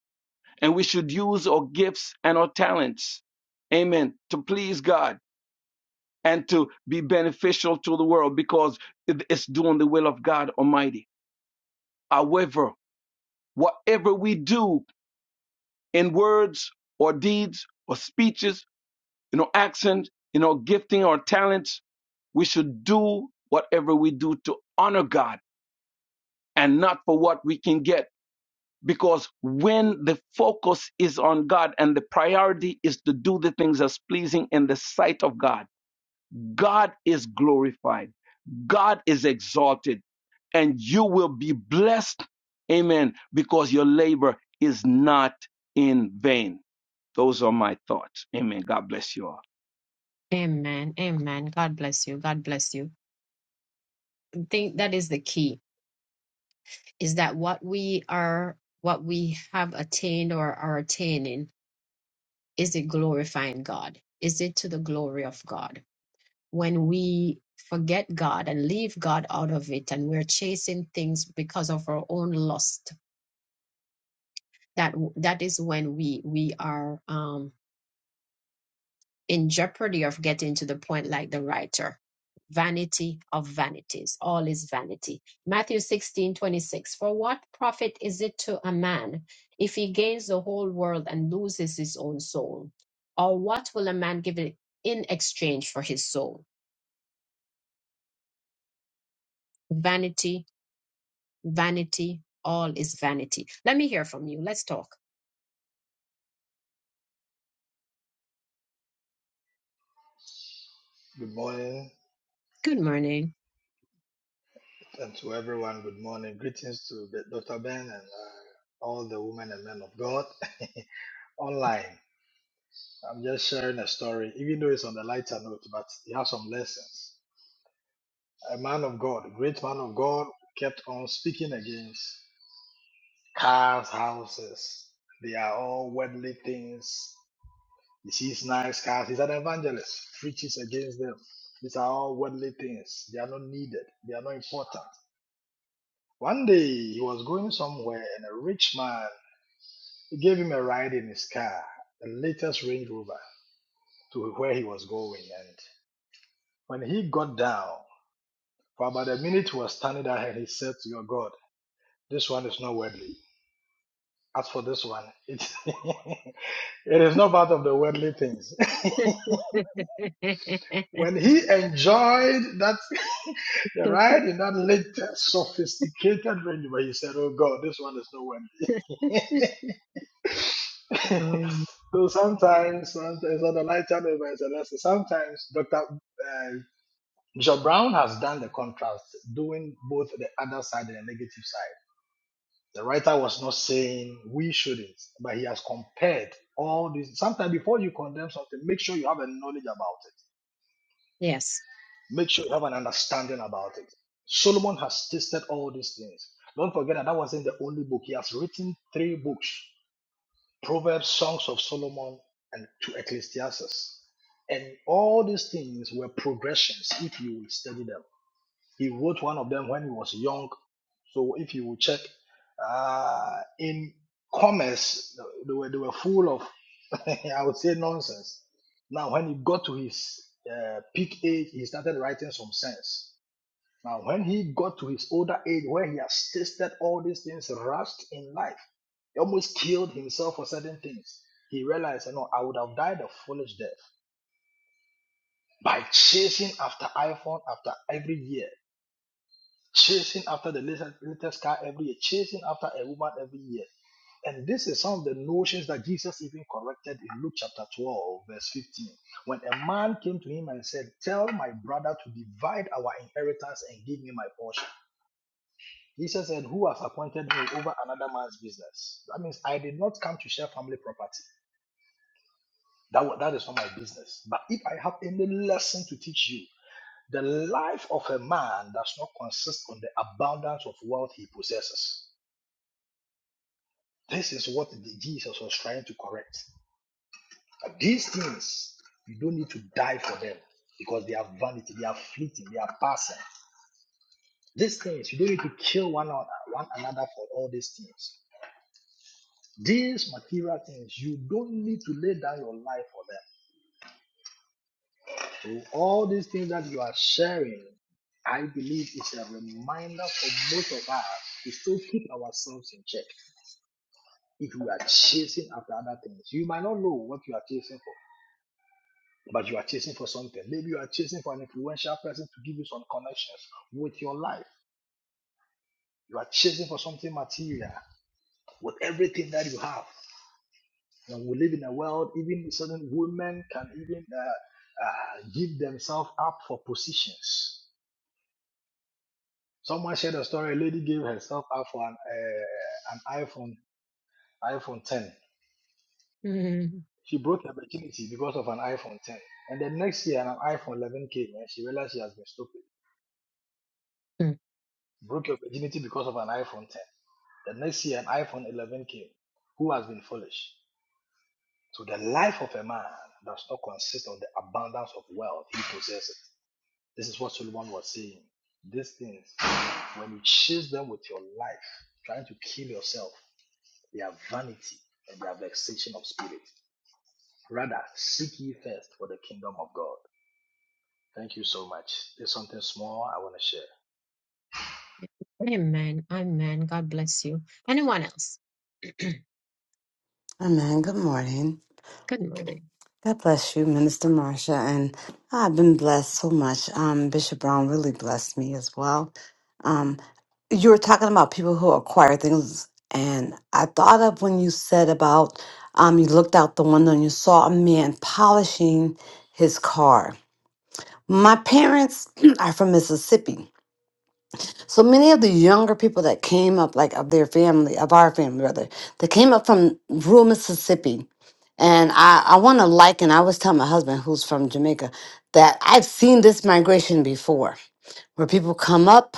Speaker 5: And we should use our gifts and our talents, amen, to please God and to be beneficial to the world because it's doing the will of God Almighty. However, whatever we do in words or deeds or speeches you know, accent, you know, gifting or talents. We should do whatever we do to honor God and not for what we can get. Because when the focus is on God and the priority is to do the things that's pleasing in the sight of God, God is glorified, God is exalted, and you will be blessed. Amen. Because your labor is not in vain. Those are my thoughts. Amen. God bless you all.
Speaker 1: Amen. Amen. God bless you. God bless you. I think that is the key. is that what we are what we have attained or are attaining is it glorifying god is it to the glory of god when we forget god and leave god out of it and we're chasing things because of our own lust that that is when we we are um in jeopardy of getting to the point like the writer. Vanity of vanities, all is vanity. Matthew sixteen twenty six. For what profit is it to a man if he gains the whole world and loses his own soul? Or what will a man give it in exchange for his soul? Vanity, vanity, all is vanity. Let me hear from you. Let's talk.
Speaker 6: Good morning,
Speaker 1: Good morning.
Speaker 6: and to everyone, good morning. Greetings to the- Dr. Ben and uh, all the women and men of God online. I'm just sharing a story, even though it's on the lighter note, but it has some lessons. A man of God, a great man of God, kept on speaking against cars, houses. They are all worldly things. He sees nice cars. He's an evangelist, preaches against them. These are all worldly things. They are not needed, they are not important One day he was going somewhere and a rich man gave him a ride in his car, the latest Range Rover, to where he was going. And when he got down, for about a minute he was standing there and he said to your God, This one is not worldly. As for this one, it, it is not part of the worldly things. when he enjoyed that the ride in that latest sophisticated Range Rover, he said, Oh God, this one is not worldly.
Speaker 1: Um,
Speaker 6: so sometimes, sometimes on the night channel a lesson. sometimes Dr. Uh, Bishop Brown has done the contrast, doing both the other side and the negative side. The writer was not saying we shouldn't, but he has compared all these. Sometimes before you condemn something, make sure you have a knowledge about it.
Speaker 1: yes.
Speaker 6: Make sure you have an understanding about it. Solomon has tested all these things. Don't forget that that wasn't the only book. He has written three books Proverbs, Songs of Solomon, and to Ecclesiastes. And all these things were progressions if you will study them. He wrote one of them when he was young. So if you will check uh, in commerce, they were, they were full of, I would say, nonsense. Now, when he got to his uh, peak age, he started writing some sense. Now, when he got to his older age, where he has tasted all these things rushed in life, he almost killed himself for certain things. He realized, you know, I would have died a foolish death by chasing after iPhone after every year, chasing after the latest, latest car every year, chasing after a woman every year. And this is some of the notions that Jesus even corrected in Luke chapter 12, verse 15. When a man came to him and said, Tell my brother to divide our inheritance and give me my portion. Jesus said, Who has appointed me over another man's business? That means I did not come to share family property. That, wa- that is not my business. But if I have any lesson to teach you, the life of a man does not consist on the abundance of wealth he possesses. This is what the- Jesus was trying to correct. But These things, you don't need to die for them because they are vanity, they are fleeting, they are passing. These things, you don't need to kill one, another- one another for all these things. These material things, you don't need to lay down your life for them. So all these things that you are sharing, I believe is a reminder for most of us to still keep ourselves in check. If you are chasing after other things, you might not know what you are chasing for, but you are chasing for something. Maybe you are chasing for an influential person to give you some connections with your life. You are chasing for something material with everything that you have. And we live in a world, even certain women can even uh, uh, give themselves up for positions. Someone shared a story. A lady gave herself up for an, uh, an iPhone iPhone 10.
Speaker 1: Mhm.
Speaker 6: She broke her virginity because of an iPhone 10. And the next year, an iPhone 11 came, and she realized she has been stupid. Broke your virginity because of an iPhone 10. The next year, an iPhone 11 came. Who has been foolish? So the life of a man does not consist of the abundance of wealth he possesses. This is what Solomon was saying. These things, when you chase them with your life, trying to kill yourself, they are vanity and they are vexation of spirit. Rather, seek ye first for the kingdom of God. Thank you so much. There's something small I want to share.
Speaker 1: Amen. Amen. God bless you. Anyone else? Good
Speaker 7: Amen. Good morning.
Speaker 1: morning.
Speaker 7: God bless you, Minister Marsha. And I've been blessed so much. Um, Bishop Brown really blessed me as well. Um, you were talking about people who acquire things. And I thought of when you said about um, you looked out the window and you saw a man polishing his car. My parents are from Mississippi. So many of the younger people that came up, like of their family, of our family rather, that came up from rural Mississippi. And I, I want to liken, I was telling my husband, who's from Jamaica, that I've seen this migration before, where people come up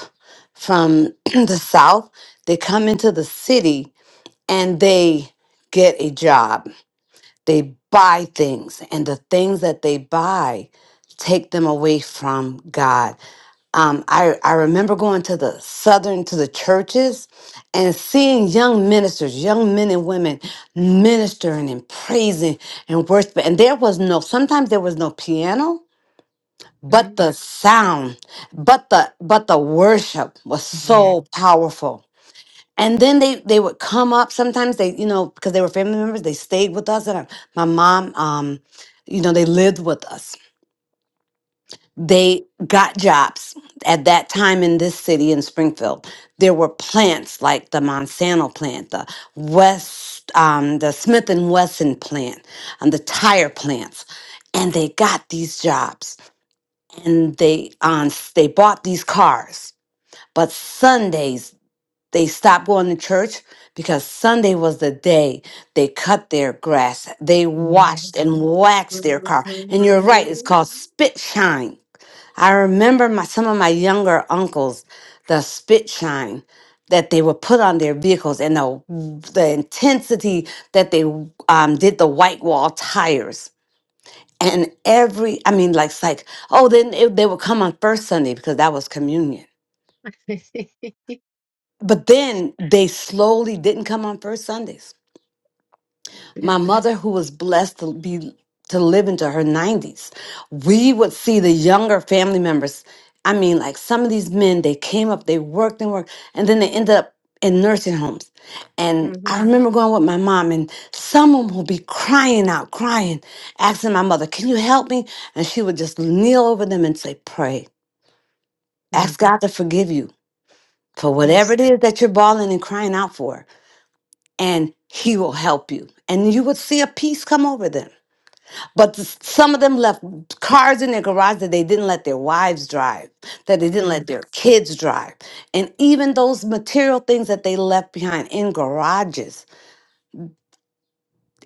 Speaker 7: from the South, they come into the city and they get a job. They buy things, and the things that they buy take them away from God um, I, I remember going to the southern to the churches and seeing young ministers young men and women ministering and praising and worshiping and there was no sometimes there was no piano but
Speaker 1: Mhm.
Speaker 7: the sound but the but the worship was
Speaker 1: Yeah,
Speaker 7: so powerful and then they they would come up sometimes they you know because they were family members they stayed with us and I, my mom um you know they lived with us they got jobs at that time in this city in Springfield. There were plants like the Monsanto plant, the West, um, the Smith and Wesson plant, and the tire plants, and they got these jobs and they um, s- they bought these cars. But Sundays they stopped going to church because Sunday was the day they cut their grass, they
Speaker 1: yeah.
Speaker 7: washed and waxed their
Speaker 1: Mhm,
Speaker 7: car.
Speaker 1: mhm,
Speaker 7: And you're right, it's
Speaker 1: mhm.
Speaker 7: called spit shine I remember my some of my younger uncles, the spit shine that they would put on their vehicles and the the intensity that they um, did the white wall tires. And every, I mean, like, it's like, oh, then it, they would come on first Sunday because that was communion. But then they slowly didn't come on first Sundays
Speaker 1: Yeah,
Speaker 7: my mother who was blessed to be to live into her 90s we would see the younger family members i mean like some of these men they came up they worked and worked and then they ended up in nursing homes and i
Speaker 1: mhm,
Speaker 7: remember going with my mom and someone would be crying out crying asking my mother can you help me and she would just kneel over them and say pray ask
Speaker 1: mhm.
Speaker 7: god to forgive you for whatever
Speaker 1: Yes.
Speaker 7: it is that you're bawling and crying out for and he will help you and you would see a peace come over them but s- some of them left cars in their garage that they didn't let their wives drive, that they didn't let
Speaker 1: Mm,
Speaker 7: their kids drive. And even those material things that they left behind in garages,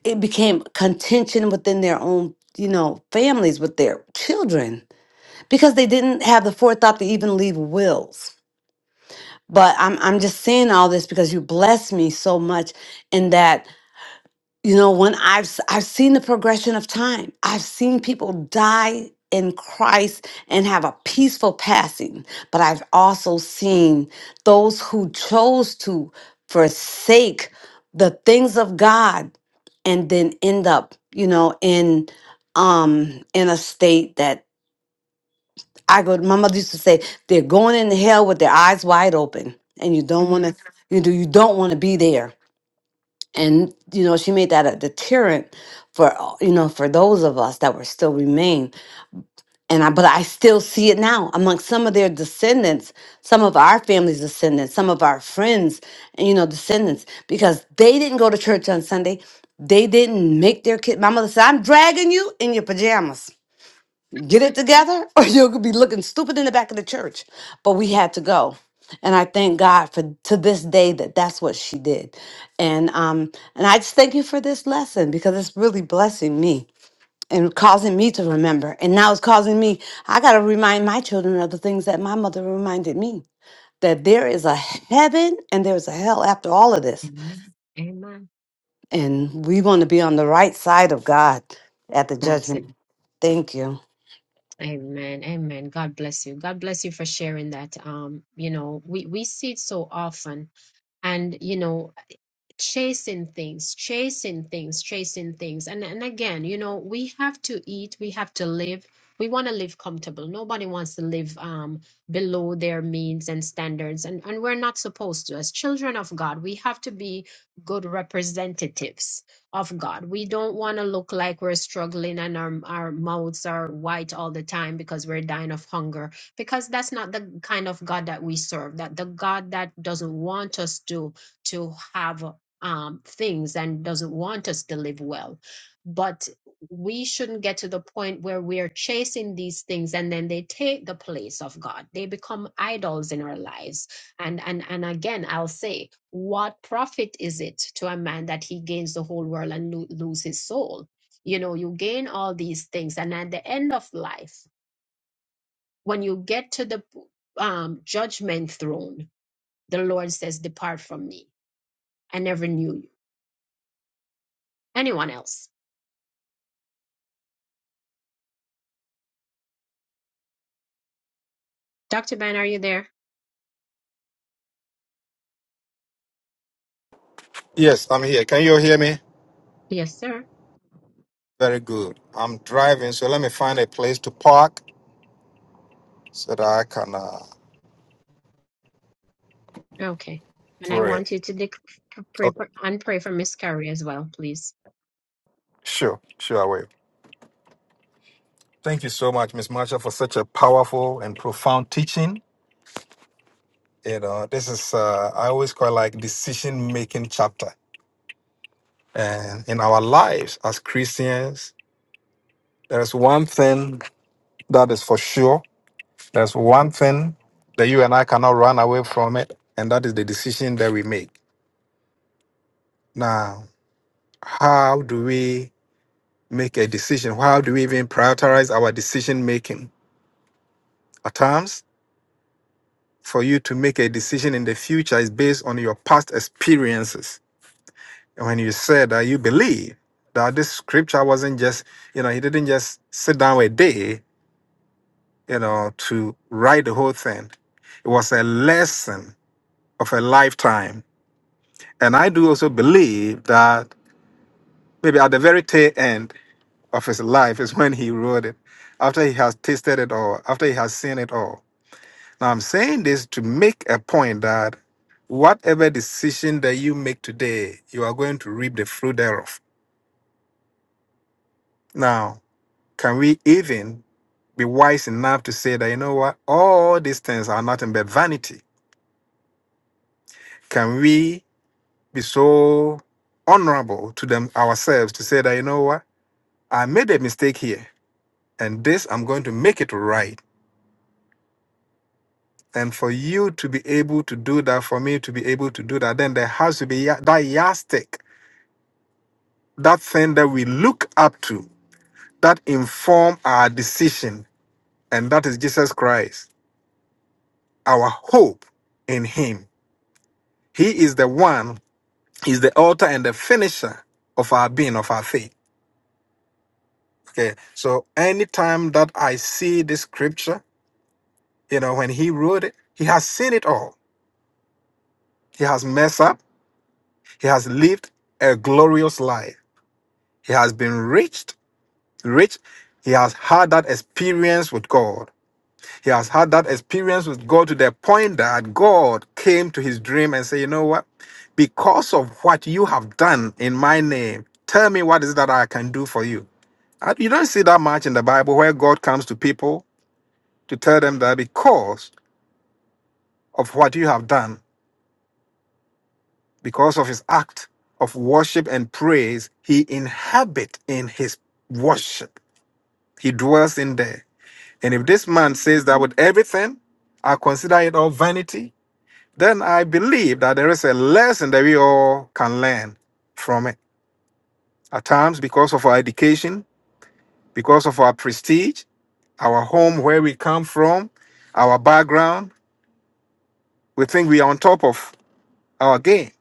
Speaker 7: it became contention within their own, you know, families with their children because they didn't have the forethought to even leave wills. But I'm I'm just saying all this because you blessed me so much in that you know when i've s- i've seen the progression of time i've seen people die in christ and have a peaceful passing but i've also seen those who chose to forsake the things of god and then end up you know in um in a state that i go my mother used to say they're going into hell with their eyes wide open and you don't want
Speaker 1: mhm,
Speaker 7: to you do you don't want to be there and you know she made that a deterrent for all- you know for those of us that were still remain and i but i still see it now among some of their descendants some of our family's descendants some of our friends and you know descendants because they didn't go to church on sunday they didn't make their kid my mother said i'm dragging you in your pajamas get
Speaker 1: mm.
Speaker 7: it together or you could be looking stupid in the back of the church but we had to go and i thank god for to this day that that's what she did and um and i just thank you for this lesson because it's really blessing me and causing me to remember and now it's causing me i got to remind my children of the things that my mother reminded me that there is a heaven and there's a hell after all of this
Speaker 1: Amen. Amen.
Speaker 7: and we want to be on the right side of god at the
Speaker 1: That's it.
Speaker 7: judgment thank you
Speaker 1: Amen. Amen. God bless you. God bless you for sharing that. Um, you know, we we see it so often, and you know. chasing things chasing things chasing things and and again you know we have to eat we have to live we want to live comfortable nobody wants to live um below their means and standards and and we're not supposed to as children of god we have to be good representatives of god we don't want to look like we're struggling and our our mouths are white all the time because we're dying of hunger because that's not the kind of god that we serve that the god that doesn't want us to to have um, things and doesn't want us to live well. But we shouldn't get to the point where we are chasing these things and then they take the place of God. They become idols in our lives. And and and again, I'll say, what profit is it to a man that he gains the whole world and lo- lose his soul? You know, you gain all these things, and at the end of life, when you get to the um, judgment throne, the Lord says, "Depart from me. I never knew you." Anyone else? Dr. Ben, are you there?
Speaker 8: Yes, I'm here. Can you hear me?
Speaker 1: Yes, sir.
Speaker 8: Very good. I'm driving, so let me find a place to park so that I can uh,
Speaker 1: Okay. And I want
Speaker 8: pray.
Speaker 1: you to dec- pray
Speaker 8: Okay,
Speaker 1: for and pray for Miss Carrie as well, please.
Speaker 8: sure, sure, I will. Thank you so much, Miss Marsha, for such a powerful and profound teaching. You know, this is uh, I always call it like decision making chapter. And in our lives as Christians, there is one thing that is for sure. There's one thing that you and I cannot run away from it, and that is the decision that we make. Now, how do we? make a decision? How do we even prioritize our decision making? At times, for you to make a decision in the future is based on your past experiences. And when you said that you believe that this scripture wasn't just, you know, he didn't just sit down a day, you know, to write the whole thing. It was a lesson of a lifetime. And I do also believe that maybe at the very tail end of his life is when he wrote it, after he has tasted it all, after he has seen it all Now, I'm saying this to make a point that whatever decision that you make today, you are going to reap the fruit thereof. Now, can we even be wise enough to say that, you know what, all these things are nothing but vanity? Can we be so honorable to them ourselves to say that, you know what, I made a mistake here and this I'm going to make it right? And for you to be able to do that, for me to be able to do that, then there has to be ya- that yardstick that thing that we look up to that inform our decision and that is jesus christ our hope in him he is the one he's the author and the finisher of our being of our faith okay so anytime that i see this scripture you know when he wrote it he has seen it all he has messed up he has lived a glorious life he has been rich rich he has had that experience with god He has had that experience with God to the point that God came to his dream and said, You know what? Because of what you have done in my name, tell me what is that I can do for you. Uh, You don't see that much in the Bible where God comes to people to tell them that because of what you have done, because of his act of worship and praise, he inhabit in his worship. He dwells in there. And if this man says that with everything, I consider it all vanity then I believe that there is a lesson that we all can learn from it. At times, because of our education, because of our prestige, our home, where we come from, our background, we think we are on top of our game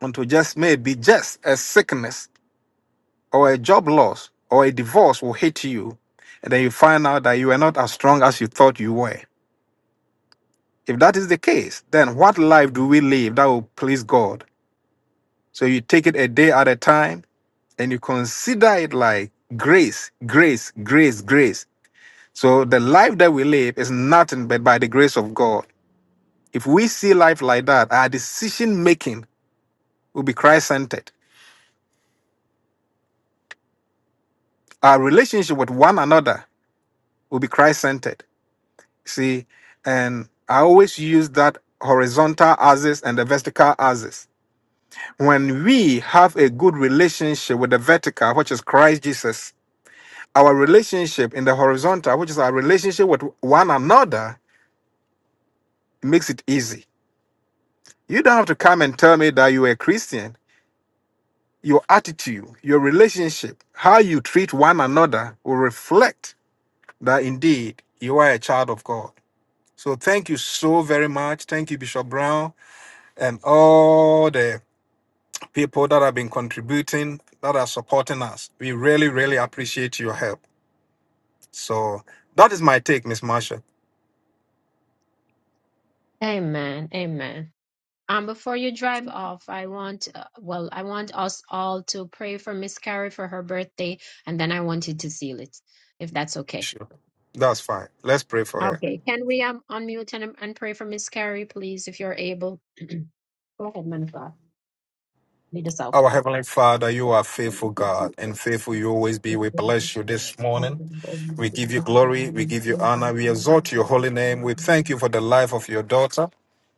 Speaker 8: until just maybe just a sickness or a job loss or a divorce will hit you. And then you find out that you are not as strong as you thought you were. If that is the case, then what life do we live that will please God? So you take it a day at a time and you consider it like grace, grace, grace, grace. So the life that we live is nothing but by the grace of God. If we see life like that, our decision making will be Christ centered. Our relationship with one another will be Christ centered. See, and I always use that horizontal axis and the vertical axis. When we have a good relationship with the vertical, which is Christ Jesus, our relationship in the horizontal, which is our relationship with one another, It makes it easy. You don't have to come and tell me that you are a Christian. Your attitude, your relationship, how you treat one another will reflect that indeed you are a child of God. So thank you so very much. Thank you, Bishop Brown, and all the people that have been contributing, that are supporting us. We really, really appreciate your help. So that is my take, Miss Marsha.
Speaker 1: Amen. Amen. Um, before you drive off, I want uh, well, I want us all to pray for Miss Carrie for her birthday, and then I want you to seal it, if that's okay.
Speaker 8: Sure. That's fine. Let's pray for her.
Speaker 1: Okay. Can we um unmute and, and pray for Miss Carrie, please, if you're able? Go ahead, man of God. Lead us out.
Speaker 8: Our Heavenly Father, you are
Speaker 1: Thank
Speaker 8: faithful
Speaker 1: you,
Speaker 8: God and
Speaker 1: Jesus.
Speaker 8: faithful you always be.
Speaker 1: If
Speaker 8: We
Speaker 1: you have
Speaker 8: bless you this
Speaker 1: I
Speaker 8: morning.
Speaker 1: am
Speaker 8: We
Speaker 1: Almighty
Speaker 8: give you
Speaker 1: God, and
Speaker 8: glory.
Speaker 1: you
Speaker 8: We
Speaker 1: will
Speaker 8: give you
Speaker 1: stand by
Speaker 8: honor. We
Speaker 1: your
Speaker 8: exalt
Speaker 1: name,
Speaker 8: your
Speaker 1: God, this
Speaker 8: holy name. We thank you
Speaker 1: morning,
Speaker 8: for the life of your daughter,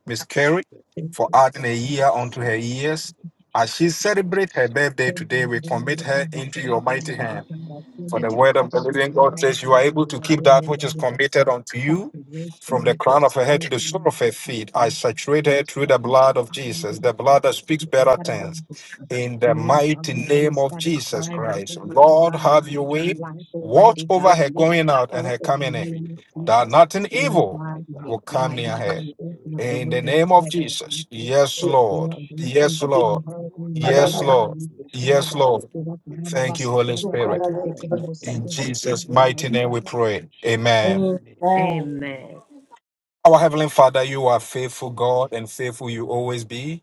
Speaker 8: Miss
Speaker 1: God,
Speaker 8: Carrie,
Speaker 1: thank
Speaker 8: for
Speaker 1: you,
Speaker 8: adding a year unto her
Speaker 1: I
Speaker 8: years. As she celebrates her birthday
Speaker 1: Oh, you,
Speaker 8: today, we commit
Speaker 1: Almighty
Speaker 8: her
Speaker 1: God,
Speaker 8: into
Speaker 1: before
Speaker 8: your
Speaker 1: you,
Speaker 8: mighty
Speaker 1: Almighty
Speaker 8: hand.
Speaker 1: God, I pray
Speaker 8: For
Speaker 1: that
Speaker 8: the
Speaker 1: you
Speaker 8: word of the
Speaker 1: cover her,
Speaker 8: living God
Speaker 1: Almighty
Speaker 8: says, You
Speaker 1: God,
Speaker 8: are
Speaker 1: and
Speaker 8: able
Speaker 1: the
Speaker 8: to keep
Speaker 1: ordained
Speaker 8: that which is
Speaker 1: Almighty God.
Speaker 8: committed unto you
Speaker 1: Father, raise her
Speaker 8: from the
Speaker 1: with your
Speaker 8: crown of her head
Speaker 1: spirit,
Speaker 8: to the sole of
Speaker 1: Almighty
Speaker 8: her
Speaker 1: God.
Speaker 8: feet. I
Speaker 1: and
Speaker 8: saturate
Speaker 1: you
Speaker 8: her through
Speaker 1: can
Speaker 8: the blood of Jesus, the blood that speaks better things. In the
Speaker 1: Name of
Speaker 8: mighty
Speaker 1: that you
Speaker 8: name of
Speaker 1: satisfy
Speaker 8: Jesus
Speaker 1: her,
Speaker 8: Christ,
Speaker 1: Almighty
Speaker 8: Lord,
Speaker 1: God, with
Speaker 8: have
Speaker 1: your
Speaker 8: your way.
Speaker 1: own life,
Speaker 8: Watch
Speaker 1: Almighty God,
Speaker 8: over her
Speaker 1: with
Speaker 8: going
Speaker 1: the
Speaker 8: out and
Speaker 1: help
Speaker 8: her
Speaker 1: of the
Speaker 8: coming in,
Speaker 1: name of
Speaker 8: that
Speaker 1: Jesus.
Speaker 8: nothing
Speaker 1: Lord
Speaker 8: evil
Speaker 1: God, may
Speaker 8: will come
Speaker 1: Almighty
Speaker 8: near
Speaker 1: God,
Speaker 8: her.
Speaker 1: we open up the
Speaker 8: In the
Speaker 1: windows of
Speaker 8: name of
Speaker 1: heaven
Speaker 8: Jesus. Yes,
Speaker 9: Amen.
Speaker 1: all
Speaker 8: Lord.
Speaker 1: our blessings
Speaker 8: Yes,
Speaker 1: upon
Speaker 8: Lord.
Speaker 1: her, Almighty
Speaker 8: Yes,
Speaker 1: God.
Speaker 8: Lord.
Speaker 1: We thank you,
Speaker 8: Yes,
Speaker 1: Rabba, for
Speaker 8: Lord.
Speaker 1: Kura, Kura, Rabba,
Speaker 8: Thank you, Holy
Speaker 1: Sukura, Rabba,
Speaker 8: Spirit.
Speaker 1: Suku, Suku, Rabba, Sagi,
Speaker 8: In
Speaker 1: Rabba, Suku,
Speaker 8: Jesus' mighty
Speaker 1: Almighty
Speaker 8: name
Speaker 1: God.
Speaker 8: we pray. Amen.
Speaker 9: Amen.
Speaker 1: Amen.
Speaker 8: Our Heavenly Father, you are faithful God and faithful you always be.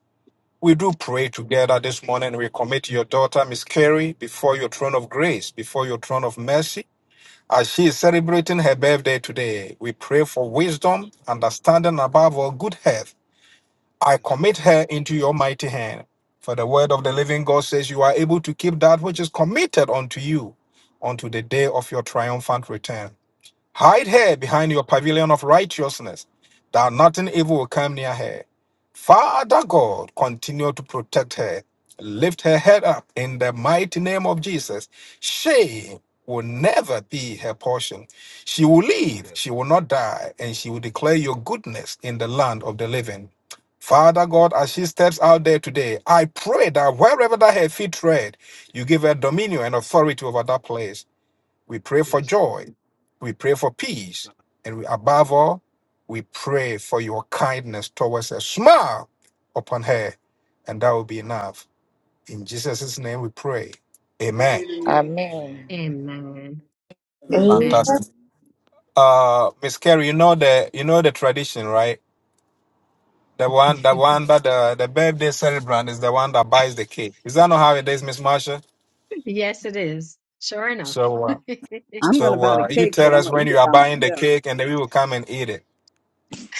Speaker 8: We do pray together this morning. We commit your daughter, Miss Carrie, before your throne of grace, before your throne of mercy. As she is celebrating her birthday today, we pray for wisdom, understanding, above all, good health. I commit her into your mighty hand. For the word of the living God says, You are able to keep that which is committed unto you unto the day of your triumphant return. Hide her behind your pavilion of righteousness, that nothing evil will come near her. Father God, continue to protect her. Lift her head up in the mighty name of Jesus. Shame will never be her portion. She will live, she will not die, and she will declare your goodness in the land of the living. Father God, as she steps out there today, I pray that wherever that her feet tread, you give her dominion and authority over that place. We pray for joy. We pray for peace. And we, above all, we pray for your kindness towards us. Smile upon her, and that will be enough. In Jesus' name we pray. Amen.
Speaker 10: Amen.
Speaker 1: Amen. Amen.
Speaker 8: Fantastic. Uh Miss Carey, you know the you know the tradition, right? The one the one that the, the birthday celebrant is the one that buys the cake. Is that not how it is, Miss Marsha?
Speaker 1: Yes, it is. Sure enough.
Speaker 8: So uh,
Speaker 4: I'm going to
Speaker 8: so
Speaker 4: buy the
Speaker 8: uh, you
Speaker 4: cake, but
Speaker 8: tell
Speaker 4: I'm
Speaker 8: us
Speaker 4: going to
Speaker 8: when
Speaker 4: eat
Speaker 8: you
Speaker 4: it
Speaker 8: are
Speaker 4: by
Speaker 8: buying the
Speaker 4: myself.
Speaker 8: cake and then we will come and eat it.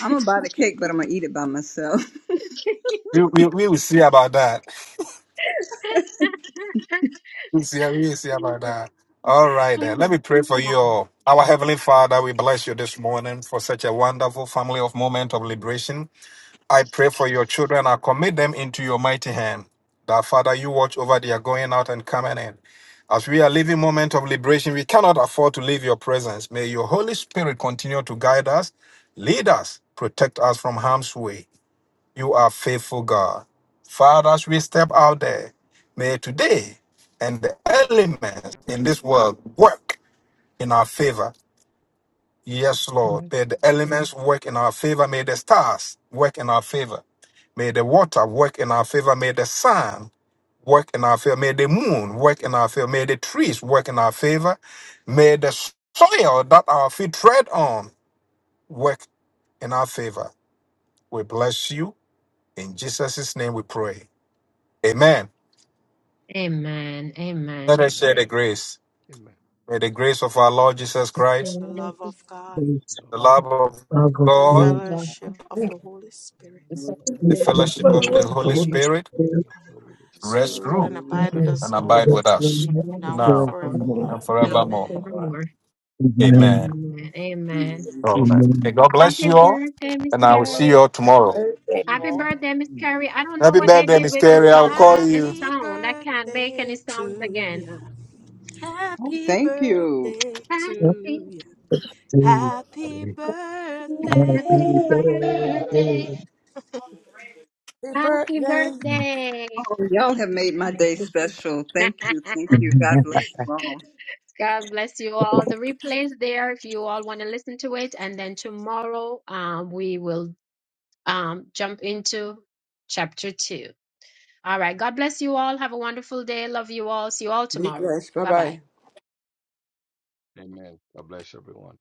Speaker 4: I'm going to buy the cake, but I'm going to eat it by myself.
Speaker 8: We, we, we will see about that. You see, you see about that. All right, then. Let me pray for you all. Our Heavenly Father, we bless you this morning for such a wonderful family of moment of liberation. I pray for your children. I commit them into your mighty hand. That Father, you watch over their going out and coming in. As we are living moment of liberation, we cannot afford to leave your presence. May your Holy Spirit continue to guide us, lead us, protect us from harm's way. You are faithful, God. Father, as we step out there, may today and the elements in this world work in our favor. Yes, Lord. May the elements work in our favor. May the stars work in our favor. May the water work in our favor. May the sun work in our favor. May the moon work in our favor. May the trees work in our favor. May the soil that our feet tread on work in our favor. We bless you. In Jesus' name we pray. Amen.
Speaker 1: Amen.
Speaker 8: Let
Speaker 1: Amen.
Speaker 8: us share the grace. May the grace of our Lord Jesus
Speaker 1: The
Speaker 8: Christ,
Speaker 3: The
Speaker 1: spirit of
Speaker 3: love
Speaker 1: the
Speaker 3: of God,
Speaker 2: It's
Speaker 8: the love of
Speaker 2: out of
Speaker 3: the
Speaker 1: Spirit
Speaker 8: God,
Speaker 2: the,
Speaker 1: of God,
Speaker 3: fellowship of the Holy Spirit,
Speaker 1: the
Speaker 4: Look at
Speaker 8: the
Speaker 2: it's
Speaker 1: fellowship
Speaker 2: the
Speaker 1: of
Speaker 8: fellowship
Speaker 1: the
Speaker 8: of
Speaker 2: worship
Speaker 1: Holy
Speaker 8: the
Speaker 2: of the
Speaker 8: Holy
Speaker 1: Spirit,
Speaker 2: Holy
Speaker 8: Spirit
Speaker 2: Spirit.
Speaker 3: Let's
Speaker 4: the
Speaker 8: rest,
Speaker 4: press
Speaker 3: rule
Speaker 8: rule,
Speaker 3: and
Speaker 4: room.
Speaker 3: abide with
Speaker 2: Amen.
Speaker 1: rest
Speaker 3: us
Speaker 8: and
Speaker 1: in
Speaker 3: all,
Speaker 8: abide with
Speaker 2: That's the
Speaker 8: us
Speaker 2: next
Speaker 3: now and
Speaker 8: now
Speaker 2: historical moment.
Speaker 3: forevermore.
Speaker 8: and
Speaker 1: now and
Speaker 8: forevermore.
Speaker 3: Amen.
Speaker 1: forevermore.
Speaker 2: Amen.
Speaker 8: Amen.
Speaker 1: Amen. Amen.
Speaker 4: Amen.
Speaker 8: All right. Okay,
Speaker 2: Amen.
Speaker 8: God bless
Speaker 1: Happy
Speaker 8: you
Speaker 11: So,
Speaker 8: all,
Speaker 11: hey,
Speaker 1: birthday, Miss
Speaker 8: and I
Speaker 11: God
Speaker 8: will
Speaker 11: bless
Speaker 8: see you
Speaker 1: Carrie.
Speaker 8: all tomorrow.
Speaker 9: Amen.
Speaker 11: you
Speaker 1: Happy
Speaker 11: all.
Speaker 1: birthday, Miss Carrie. I don't know
Speaker 8: Happy
Speaker 1: what
Speaker 4: Thank
Speaker 1: they
Speaker 4: you.
Speaker 8: birthday,
Speaker 1: did
Speaker 8: Miss
Speaker 1: with the
Speaker 8: Carey. I will
Speaker 1: song, the,
Speaker 8: call
Speaker 1: the
Speaker 8: you.
Speaker 3: Happy
Speaker 1: sound. I can't make
Speaker 3: birthday
Speaker 1: any sounds
Speaker 3: to
Speaker 1: again.
Speaker 3: you.
Speaker 4: Oh,
Speaker 3: Happy
Speaker 4: thank you.
Speaker 3: birthday
Speaker 2: That's
Speaker 1: Happy,
Speaker 3: to you.
Speaker 2: the
Speaker 3: Happy
Speaker 2: day.
Speaker 1: happy
Speaker 2: Happy
Speaker 3: birthday.
Speaker 1: birthday.
Speaker 2: birthday.
Speaker 12: Happy
Speaker 1: Happy
Speaker 12: birthday.
Speaker 1: birthday.
Speaker 4: Oh, y'all have made my day special. Thank you. Thank you. God bless you all.
Speaker 1: God bless you all. The replay's there if you all want to listen to it. And then tomorrow um, we will um, jump into chapter two. All right. God bless you all. Have a wonderful day. Love you all. See you all
Speaker 12: Be
Speaker 1: tomorrow.
Speaker 12: blessed. Bye
Speaker 1: Bye bye.
Speaker 12: bye.
Speaker 5: Amen. God bless.